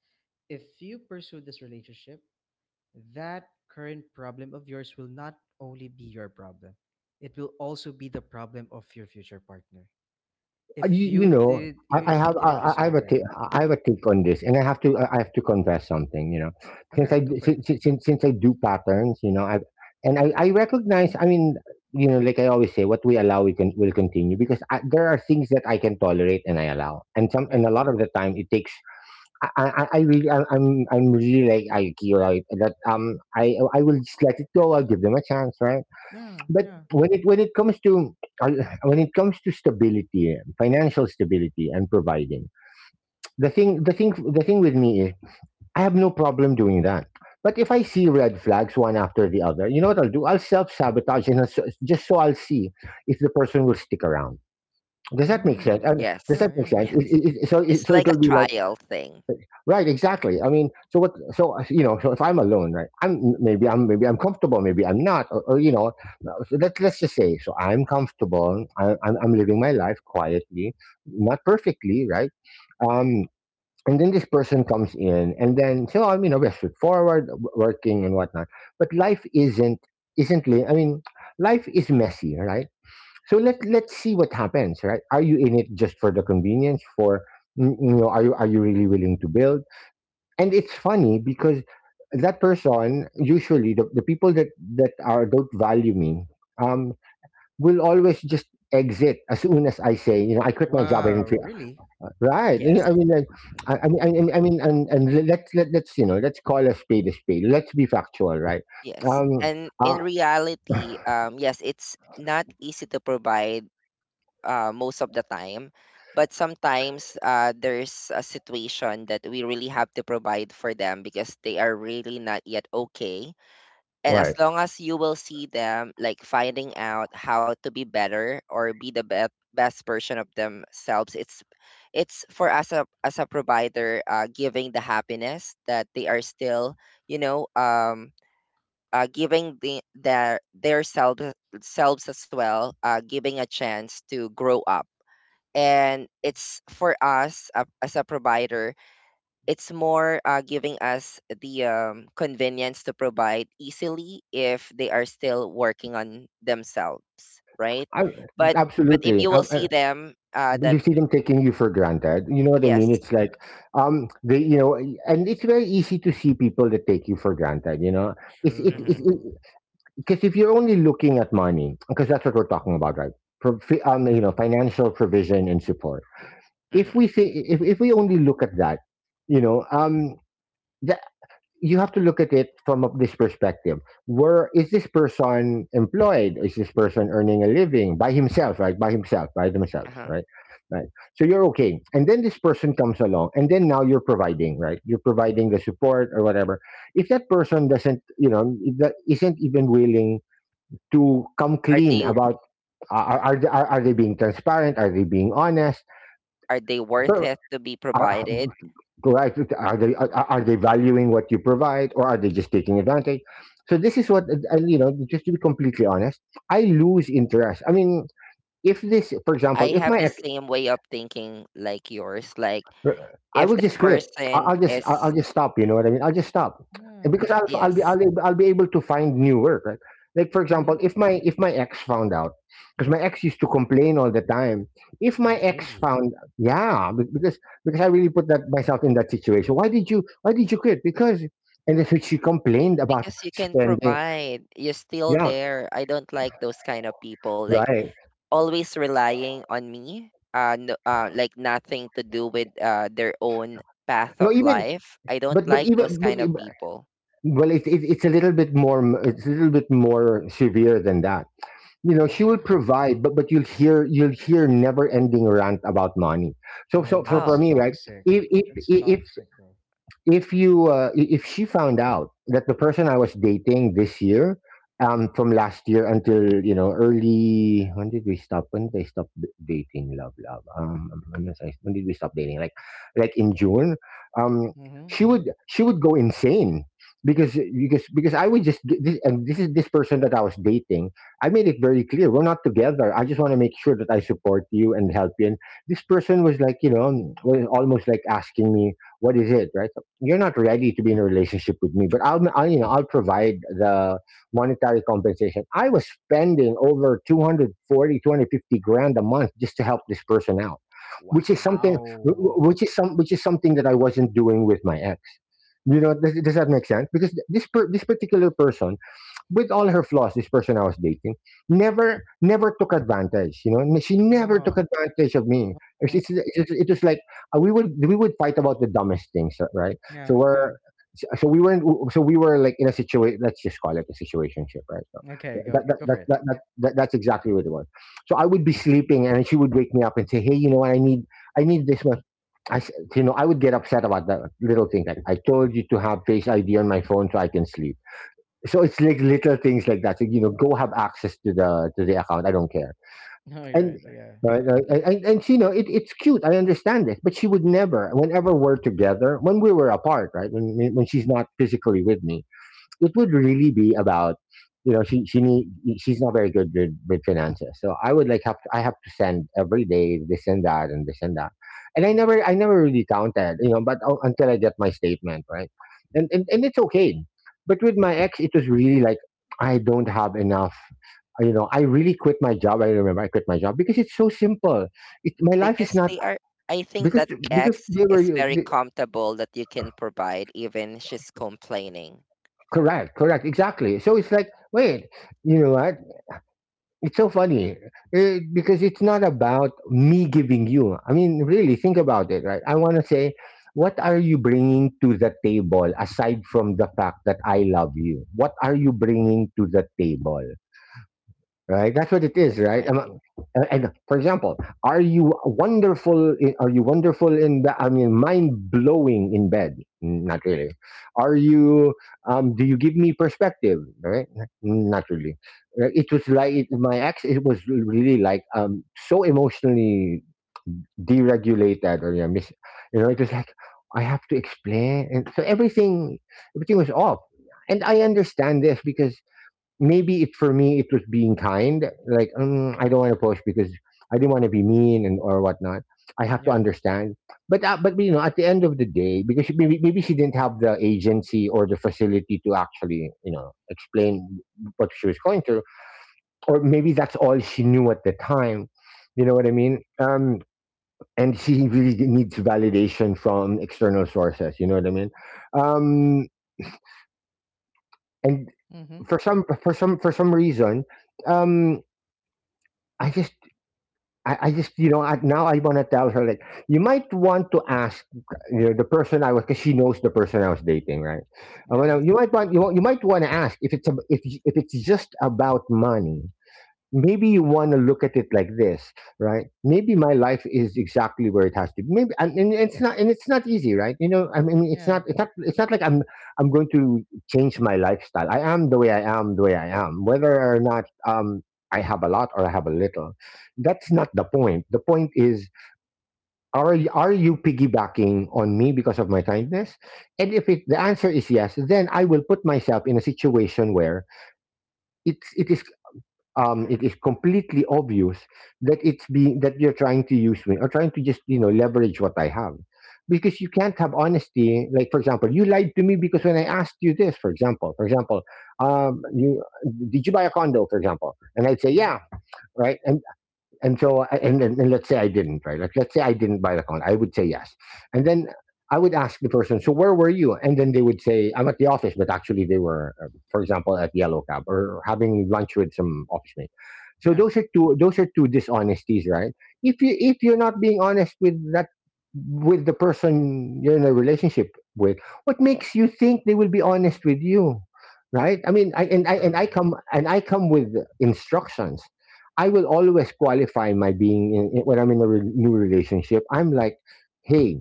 [SPEAKER 1] if you pursue this relationship, that current problem of yours will not only be your problem, it will also be the problem of your future partner.
[SPEAKER 2] You,
[SPEAKER 1] If
[SPEAKER 2] you
[SPEAKER 1] you
[SPEAKER 2] know,
[SPEAKER 1] did
[SPEAKER 2] I
[SPEAKER 1] if you
[SPEAKER 2] have
[SPEAKER 1] didn't
[SPEAKER 2] I have
[SPEAKER 1] resolve
[SPEAKER 2] a take,
[SPEAKER 1] that,
[SPEAKER 2] I have a take on this, and I have to confess something. You know,
[SPEAKER 1] all right, go for it.
[SPEAKER 2] since I do patterns, you know, I recognize. I mean, you know, like I always say, what we allow we can will continue because there are things that I can tolerate and I allow, and some and
[SPEAKER 1] Yeah,
[SPEAKER 2] a lot of the time it takes I really, I'm really like IQ, right? That I will just let it go. I'll give them a chance, right?
[SPEAKER 1] yeah,
[SPEAKER 2] But
[SPEAKER 1] yeah.
[SPEAKER 2] when it comes to, when it comes to stability, financial stability, and providing, the thing with me is, I have no problem doing that. But if I see red flags one after the other, you know what I'll do? I'll self sabotage, and I'll so- just so I'll see if the person will stick around. Does that make sense?
[SPEAKER 1] Mm.
[SPEAKER 2] Does
[SPEAKER 3] Yes.
[SPEAKER 2] that
[SPEAKER 1] Yeah,
[SPEAKER 2] make
[SPEAKER 1] yeah,
[SPEAKER 2] sense?
[SPEAKER 1] yeah.
[SPEAKER 3] Yes. It's
[SPEAKER 2] So
[SPEAKER 3] like a
[SPEAKER 2] it'll be like
[SPEAKER 3] trial thing.
[SPEAKER 2] right, exactly. I mean, so what? So you know, so if I'm alone, right? I'm comfortable, maybe I'm not, or you know, let's just say, so I'm comfortable. I'm living my life quietly, not perfectly, right? Um, and then this person comes in, and then so I'm you know, we're straightforward, working and whatnot. But life isn't I mean, life is messy, right? So let's see what happens, right? Are you in it just for the convenience? For you know, are you really willing to build? And it's funny because that person, usually the people that that are don't value me um will always just exit as soon as I say, you know, I quit my job and
[SPEAKER 1] Wow,
[SPEAKER 2] feel
[SPEAKER 1] really?
[SPEAKER 2] right. You know,
[SPEAKER 3] Yes.
[SPEAKER 2] I mean like, I mean, let, let's you know let's call a spade a spade, let's be factual, right?
[SPEAKER 1] Mm-hmm.
[SPEAKER 3] Yes.
[SPEAKER 2] um
[SPEAKER 3] And
[SPEAKER 2] uh,
[SPEAKER 3] in reality, yes, it's not easy to provide most of the time. But sometimes there's a situation that we really have to provide for them because they are really not yet okay. And
[SPEAKER 2] right.
[SPEAKER 3] as long as you will see them like finding out how to be better or be the best version of themselves, it's for us, as a provider, giving the happiness that they are still, you know, um, giving their selves as well, giving a chance to grow up. And it's for us as a provider, it's more giving us the convenience to provide easily if they are still working on themselves, right?
[SPEAKER 2] I,
[SPEAKER 3] But but if you
[SPEAKER 2] absolutely.
[SPEAKER 3] will see them,
[SPEAKER 2] But
[SPEAKER 3] that.
[SPEAKER 2] you see them taking you for granted. You know what I mean?
[SPEAKER 3] Yes.
[SPEAKER 2] It's like they, you know, and it's very easy to see people that take you for granted, you know.
[SPEAKER 3] Hmm.
[SPEAKER 2] It's
[SPEAKER 1] True.
[SPEAKER 2] because if you're only looking at money, because that's what we're talking about, right? Um, you know, financial provision and support. If we
[SPEAKER 3] Hmm.
[SPEAKER 2] say if we only look at that, you know, um, you have to look at it from this perspective. Where is this person employed? Is this person earning a living by himself, right? By himself, by themselves,
[SPEAKER 3] Uh-huh.
[SPEAKER 2] right? Right. So you're okay. And then this person comes along and then now you're providing, right? You're providing the support or whatever. If that person doesn't, you know, if that isn't even willing to come
[SPEAKER 3] are
[SPEAKER 2] clean
[SPEAKER 3] they
[SPEAKER 2] about are they being transparent? Are they being honest?
[SPEAKER 3] are they worth
[SPEAKER 2] Or-
[SPEAKER 3] it to be
[SPEAKER 2] are-
[SPEAKER 3] provided?
[SPEAKER 2] Right? Are they are they valuing what you provide, or are they just taking advantage? So this is what you know, just to be completely honest, I lose interest. I mean, if this, for
[SPEAKER 3] I
[SPEAKER 2] example, if
[SPEAKER 3] have the
[SPEAKER 2] my
[SPEAKER 3] same way of thinking like yours. Like
[SPEAKER 2] R- I
[SPEAKER 3] if
[SPEAKER 2] will
[SPEAKER 3] that
[SPEAKER 2] just quit.
[SPEAKER 3] person
[SPEAKER 2] I'll just I'll
[SPEAKER 3] is,
[SPEAKER 2] just stop. You know what I mean? I'll just stop. And because
[SPEAKER 1] Yeah.
[SPEAKER 2] I'll be
[SPEAKER 3] yes,
[SPEAKER 2] I'll be able to find new work. Right? Like for example,
[SPEAKER 1] Mm-hmm.
[SPEAKER 2] if my ex found out, because my ex used to complain all the time. If my
[SPEAKER 1] Oh,
[SPEAKER 2] ex
[SPEAKER 1] really?
[SPEAKER 2] found, yeah, because I really put that myself in that situation. Why did you quit? Because and that's what she complained about
[SPEAKER 3] because you can
[SPEAKER 2] spending.
[SPEAKER 3] provide, you're still
[SPEAKER 2] Yeah,
[SPEAKER 3] there, I don't like those kind of people, like
[SPEAKER 2] right.
[SPEAKER 3] always relying on me. No, like nothing to do with their own path of
[SPEAKER 2] No, even
[SPEAKER 3] life. I don't
[SPEAKER 2] but
[SPEAKER 3] like those
[SPEAKER 2] even
[SPEAKER 3] kind of
[SPEAKER 2] but,
[SPEAKER 3] people.
[SPEAKER 2] well, it's a little bit more. It's a little bit more severe than that. You know, she will
[SPEAKER 1] Wow.
[SPEAKER 2] provide, but you'll hear, you'll hear never ending rant about money.
[SPEAKER 1] Oh,
[SPEAKER 2] So for
[SPEAKER 3] Oh,
[SPEAKER 1] that's
[SPEAKER 2] me, right,
[SPEAKER 1] toxic.
[SPEAKER 2] if if,
[SPEAKER 1] That's
[SPEAKER 2] if
[SPEAKER 1] toxic, bro.
[SPEAKER 2] if you if she found out that the person I was dating this year, from last year until you know early, when did we stop? When did I stop dating? Love, love. When did we stop dating? Like in June. Um,
[SPEAKER 1] Mm-hmm,
[SPEAKER 2] she
[SPEAKER 1] mm-hmm.
[SPEAKER 2] would, she would go insane because I would just get this, and this is this person that I was dating. I made it very clear we're not together. I just want to make sure that I support you and help you. And this person was like, you know, was almost like asking me what is it, right? You're not ready to be in a relationship with me, but I'll you know I'll provide the monetary compensation. I was spending over 240, 250 grand a month just to help this person out, which is something
[SPEAKER 1] Wow.
[SPEAKER 2] which is something that I wasn't doing with my ex. You know, does that make sense? Because this particular person, with all her flaws, this person I was dating, never took advantage. You know, she never took
[SPEAKER 1] Oh,
[SPEAKER 2] advantage of me.
[SPEAKER 1] wow.
[SPEAKER 2] It was like, we would fight about the dumbest things, right? So
[SPEAKER 1] Yeah, yeah.
[SPEAKER 2] we weren't, so we were like in a situation. Let's just call it a situationship, right? So
[SPEAKER 1] Okay, go go for it.
[SPEAKER 2] that's exactly what it was. So I would be sleeping, and she would wake me up and say, "Hey, you know what? I need this much." You know, I would get upset about that little thing. Like, I told you to have Face ID on my phone so I can sleep, so it's like little things like that. So, you know, go have access to the account. I don't care.
[SPEAKER 1] Oh, yeah, right,
[SPEAKER 2] And
[SPEAKER 1] yeah,
[SPEAKER 2] right, right, and she know it, it's cute. I understand this, but she would never. Whenever we're together, when we were apart, right, when she's not physically with me, it would really be about, you know, she need, she's not very good with finances, so I would like have to, I have to send every day this and that and this and that. And I never, I never really counted, you know, but until I get my statement, right. And it's okay. But with my ex it was really like, I don't have enough. You know, I really quit my job. I remember I quit my job because it's so simple. It, my life is
[SPEAKER 3] because
[SPEAKER 2] not
[SPEAKER 3] they are I think
[SPEAKER 2] because
[SPEAKER 3] that
[SPEAKER 2] because
[SPEAKER 3] ex
[SPEAKER 2] they were,
[SPEAKER 3] is very comfortable that you can provide even she's complaining.
[SPEAKER 2] correct, correct, exactly. So it's like wait, you know what, it's so funny, eh, because it's not about me giving you. I mean, really, think about it, right? I want to say, what are you bringing to the table aside from the fact that I love you? What are you bringing to the table? Right? That's what it is,
[SPEAKER 3] That's
[SPEAKER 2] right?
[SPEAKER 3] right.
[SPEAKER 2] And for example, are you wonderful? In, are you wonderful in? I mean, mind blowing in bed? Mm, not really. Are you? Do you give me perspective? Right? Mm, not really. Right? It was like it, my ex. It was really like so emotionally deregulated or yeah, you know, it was like I have to explain, and so everything was off. And I understand this because, maybe it for me it was being kind like, mm, I don't want to push because I didn't want to be mean and or whatnot. I have to
[SPEAKER 1] yeah.
[SPEAKER 2] understand. But but you know, at the end of the day, because she, maybe she didn't have the agency or the facility to actually, you know, explain what she was going through, or maybe that's all she knew at the time. You know what I mean? And she really needs validation from external sources, you know what I mean? Um and
[SPEAKER 1] Mm-hmm.
[SPEAKER 2] for some reason, um I just, I just, you know, now I want to tell her like, you might want to ask, you know, the person I was, because she knows the person I was dating, right?
[SPEAKER 1] Yeah,
[SPEAKER 2] You
[SPEAKER 3] That's-
[SPEAKER 2] might want you might want to ask if it's if it's just about money. Maybe you want to look at it like this, right? Maybe my life is exactly where it has to be, maybe. And it's not, and it's not easy, right? You know, I mean,
[SPEAKER 1] yeah.
[SPEAKER 2] it's not like I'm going to change my lifestyle. I am the way I am, the way I am, whether or not I have a lot or I have a little. That's not the point. The point is, are you piggybacking on me because of my kindness? And if the answer is yes, then I will put myself in a situation where it is, it is completely obvious that it's being that you're trying to use me or trying to just, you know, leverage what I have, because you can't have honesty. Like for example, you lied to me, because when I asked you this, for example, you, did you buy a condo, for example, and I'd say
[SPEAKER 1] Mm-hmm.
[SPEAKER 2] yeah, right, and so I- and let's say I didn't, right, like let's say I didn't buy the condo, I would say yes. And then I would ask the person, so where were you, and then they would say I'm at the office, but actually they were, for example, at yellow cab or having lunch with some office mate. So
[SPEAKER 1] Yeah.
[SPEAKER 2] those are two, those are two dishonesties, right? If you, if you're not being honest with that, with the person you're in a relationship with, what makes you think they will be honest with you? Right, I mean, I and I and I
[SPEAKER 1] True.
[SPEAKER 2] come, with instructions. I will always qualify my being when I'm in a new relationship. I'm like, hey,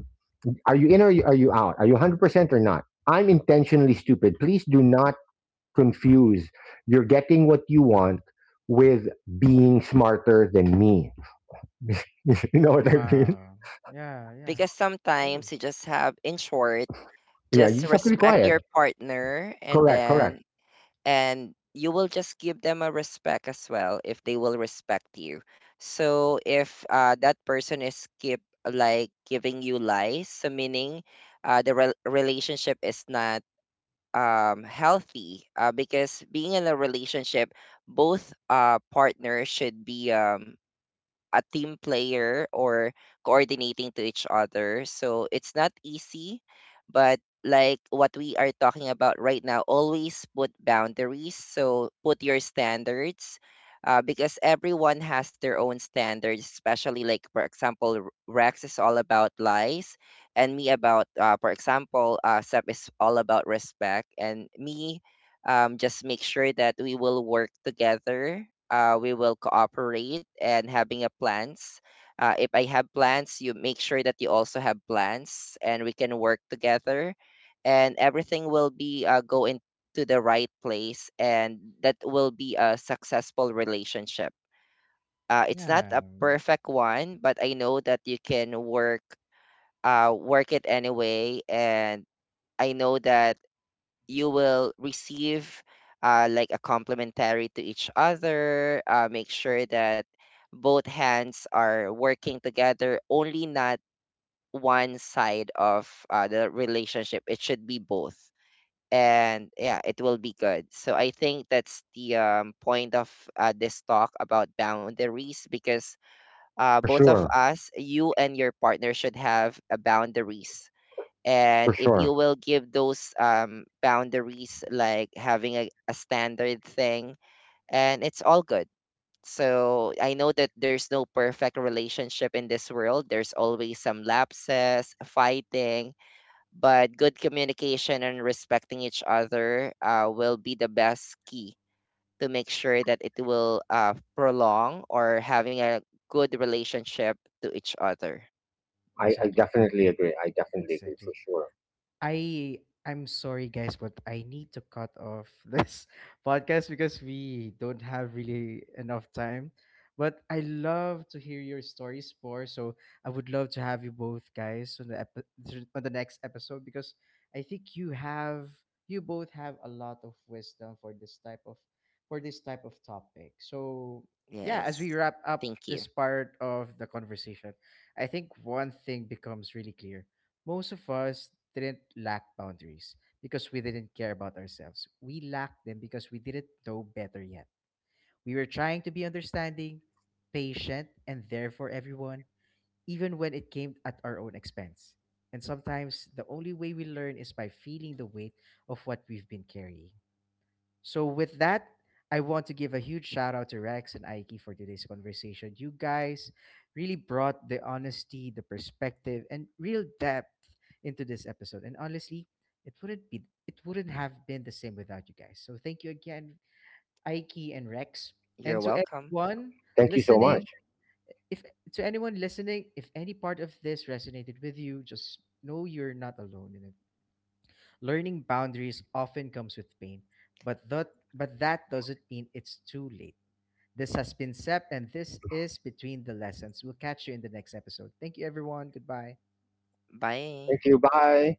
[SPEAKER 2] are you in or are you out? Are you 100% or not? I'm intentionally stupid. Please do not confuse you're getting what you want with being smarter than me. You know what I mean?
[SPEAKER 1] Wow. Yeah, yeah.
[SPEAKER 3] because sometimes
[SPEAKER 1] Clearly.
[SPEAKER 3] you just have, in short,
[SPEAKER 2] Yeah, you
[SPEAKER 3] just
[SPEAKER 2] just have to be
[SPEAKER 3] respect
[SPEAKER 2] quiet.
[SPEAKER 3] your partner, and
[SPEAKER 2] Correct,
[SPEAKER 3] then
[SPEAKER 2] correct.
[SPEAKER 3] and you will just give them a respect as well if they will respect you. So if that person is keep like giving you lies, so meaning the relationship is not healthy, because being in a relationship both partners should be a team player or coordinating to each other. So it's not easy, but like what we are talking about right now, always put boundaries. So put your standards, because everyone has their own standards, especially like, for example, Rex is all about lies, and me about, for example, Sep is all about respect, and me, just make sure that we will work together. We will cooperate and having a plans. If I have plans, you make sure that you also have plans, and we can work together, and everything will be go into the right place, and that will be a successful relationship. It's not a
[SPEAKER 1] Yeah,
[SPEAKER 3] perfect one, but I know that you can work it anyway, and I know that you will receive like a complimentary to each other. Make sure that both hands are working together, only not one side of the relationship. It should be both. And yeah, it will be good. So I think that's the point of this talk about boundaries, because
[SPEAKER 2] For
[SPEAKER 3] both of
[SPEAKER 2] sure,
[SPEAKER 3] us, you and your partner, should have a boundaries,
[SPEAKER 2] for
[SPEAKER 3] and if
[SPEAKER 2] sure.
[SPEAKER 3] you will give those boundaries, like having a standard thing, and it's all good. So I know that there's no perfect relationship in this world. There's always some lapses, fighting, but good communication and respecting each other will be the best key to make sure that it will prolong or having a good relationship to each other.
[SPEAKER 2] I
[SPEAKER 1] exactly.
[SPEAKER 2] definitely agree. I definitely agree, for
[SPEAKER 1] Exactly.
[SPEAKER 2] sure.
[SPEAKER 1] I I'm sorry guys, but I need to cut off this podcast because we don't have really enough time. But I love to hear your stories more, so I would love to have you both guys on the on the next episode because I think you both have a lot of wisdom for this type of topic. So yeah, as we
[SPEAKER 3] Yes,
[SPEAKER 1] wrap up
[SPEAKER 3] thank you.
[SPEAKER 1] this part of the conversation, I think one thing becomes really clear: most of us didn't lack boundaries because we didn't care about ourselves. We lacked them because we didn't know better yet. We were trying to be understanding, patient, and there for everyone, even when it came at our own expense. And sometimes the only way we learn is by feeling the weight of what we've been carrying. So with that, I want to give a huge shout out to Rex and Aiki for today's conversation. You guys really brought the honesty, the perspective, and real depth into this episode. And honestly, it wouldn't have been the same without you guys. So thank you again, Aiki and Rex.
[SPEAKER 3] You're
[SPEAKER 1] And
[SPEAKER 3] welcome.
[SPEAKER 2] Thank you so much.
[SPEAKER 1] listening, if to anyone listening, if any part of this resonated with you, just know you're not alone in it. Learning boundaries often comes with pain, but that but that doesn't mean it's too late. This has been Sep, and this is Between the Lessons. We'll catch you in the next episode. Thank you, everyone. Goodbye.
[SPEAKER 3] Bye.
[SPEAKER 2] Thank you. Bye.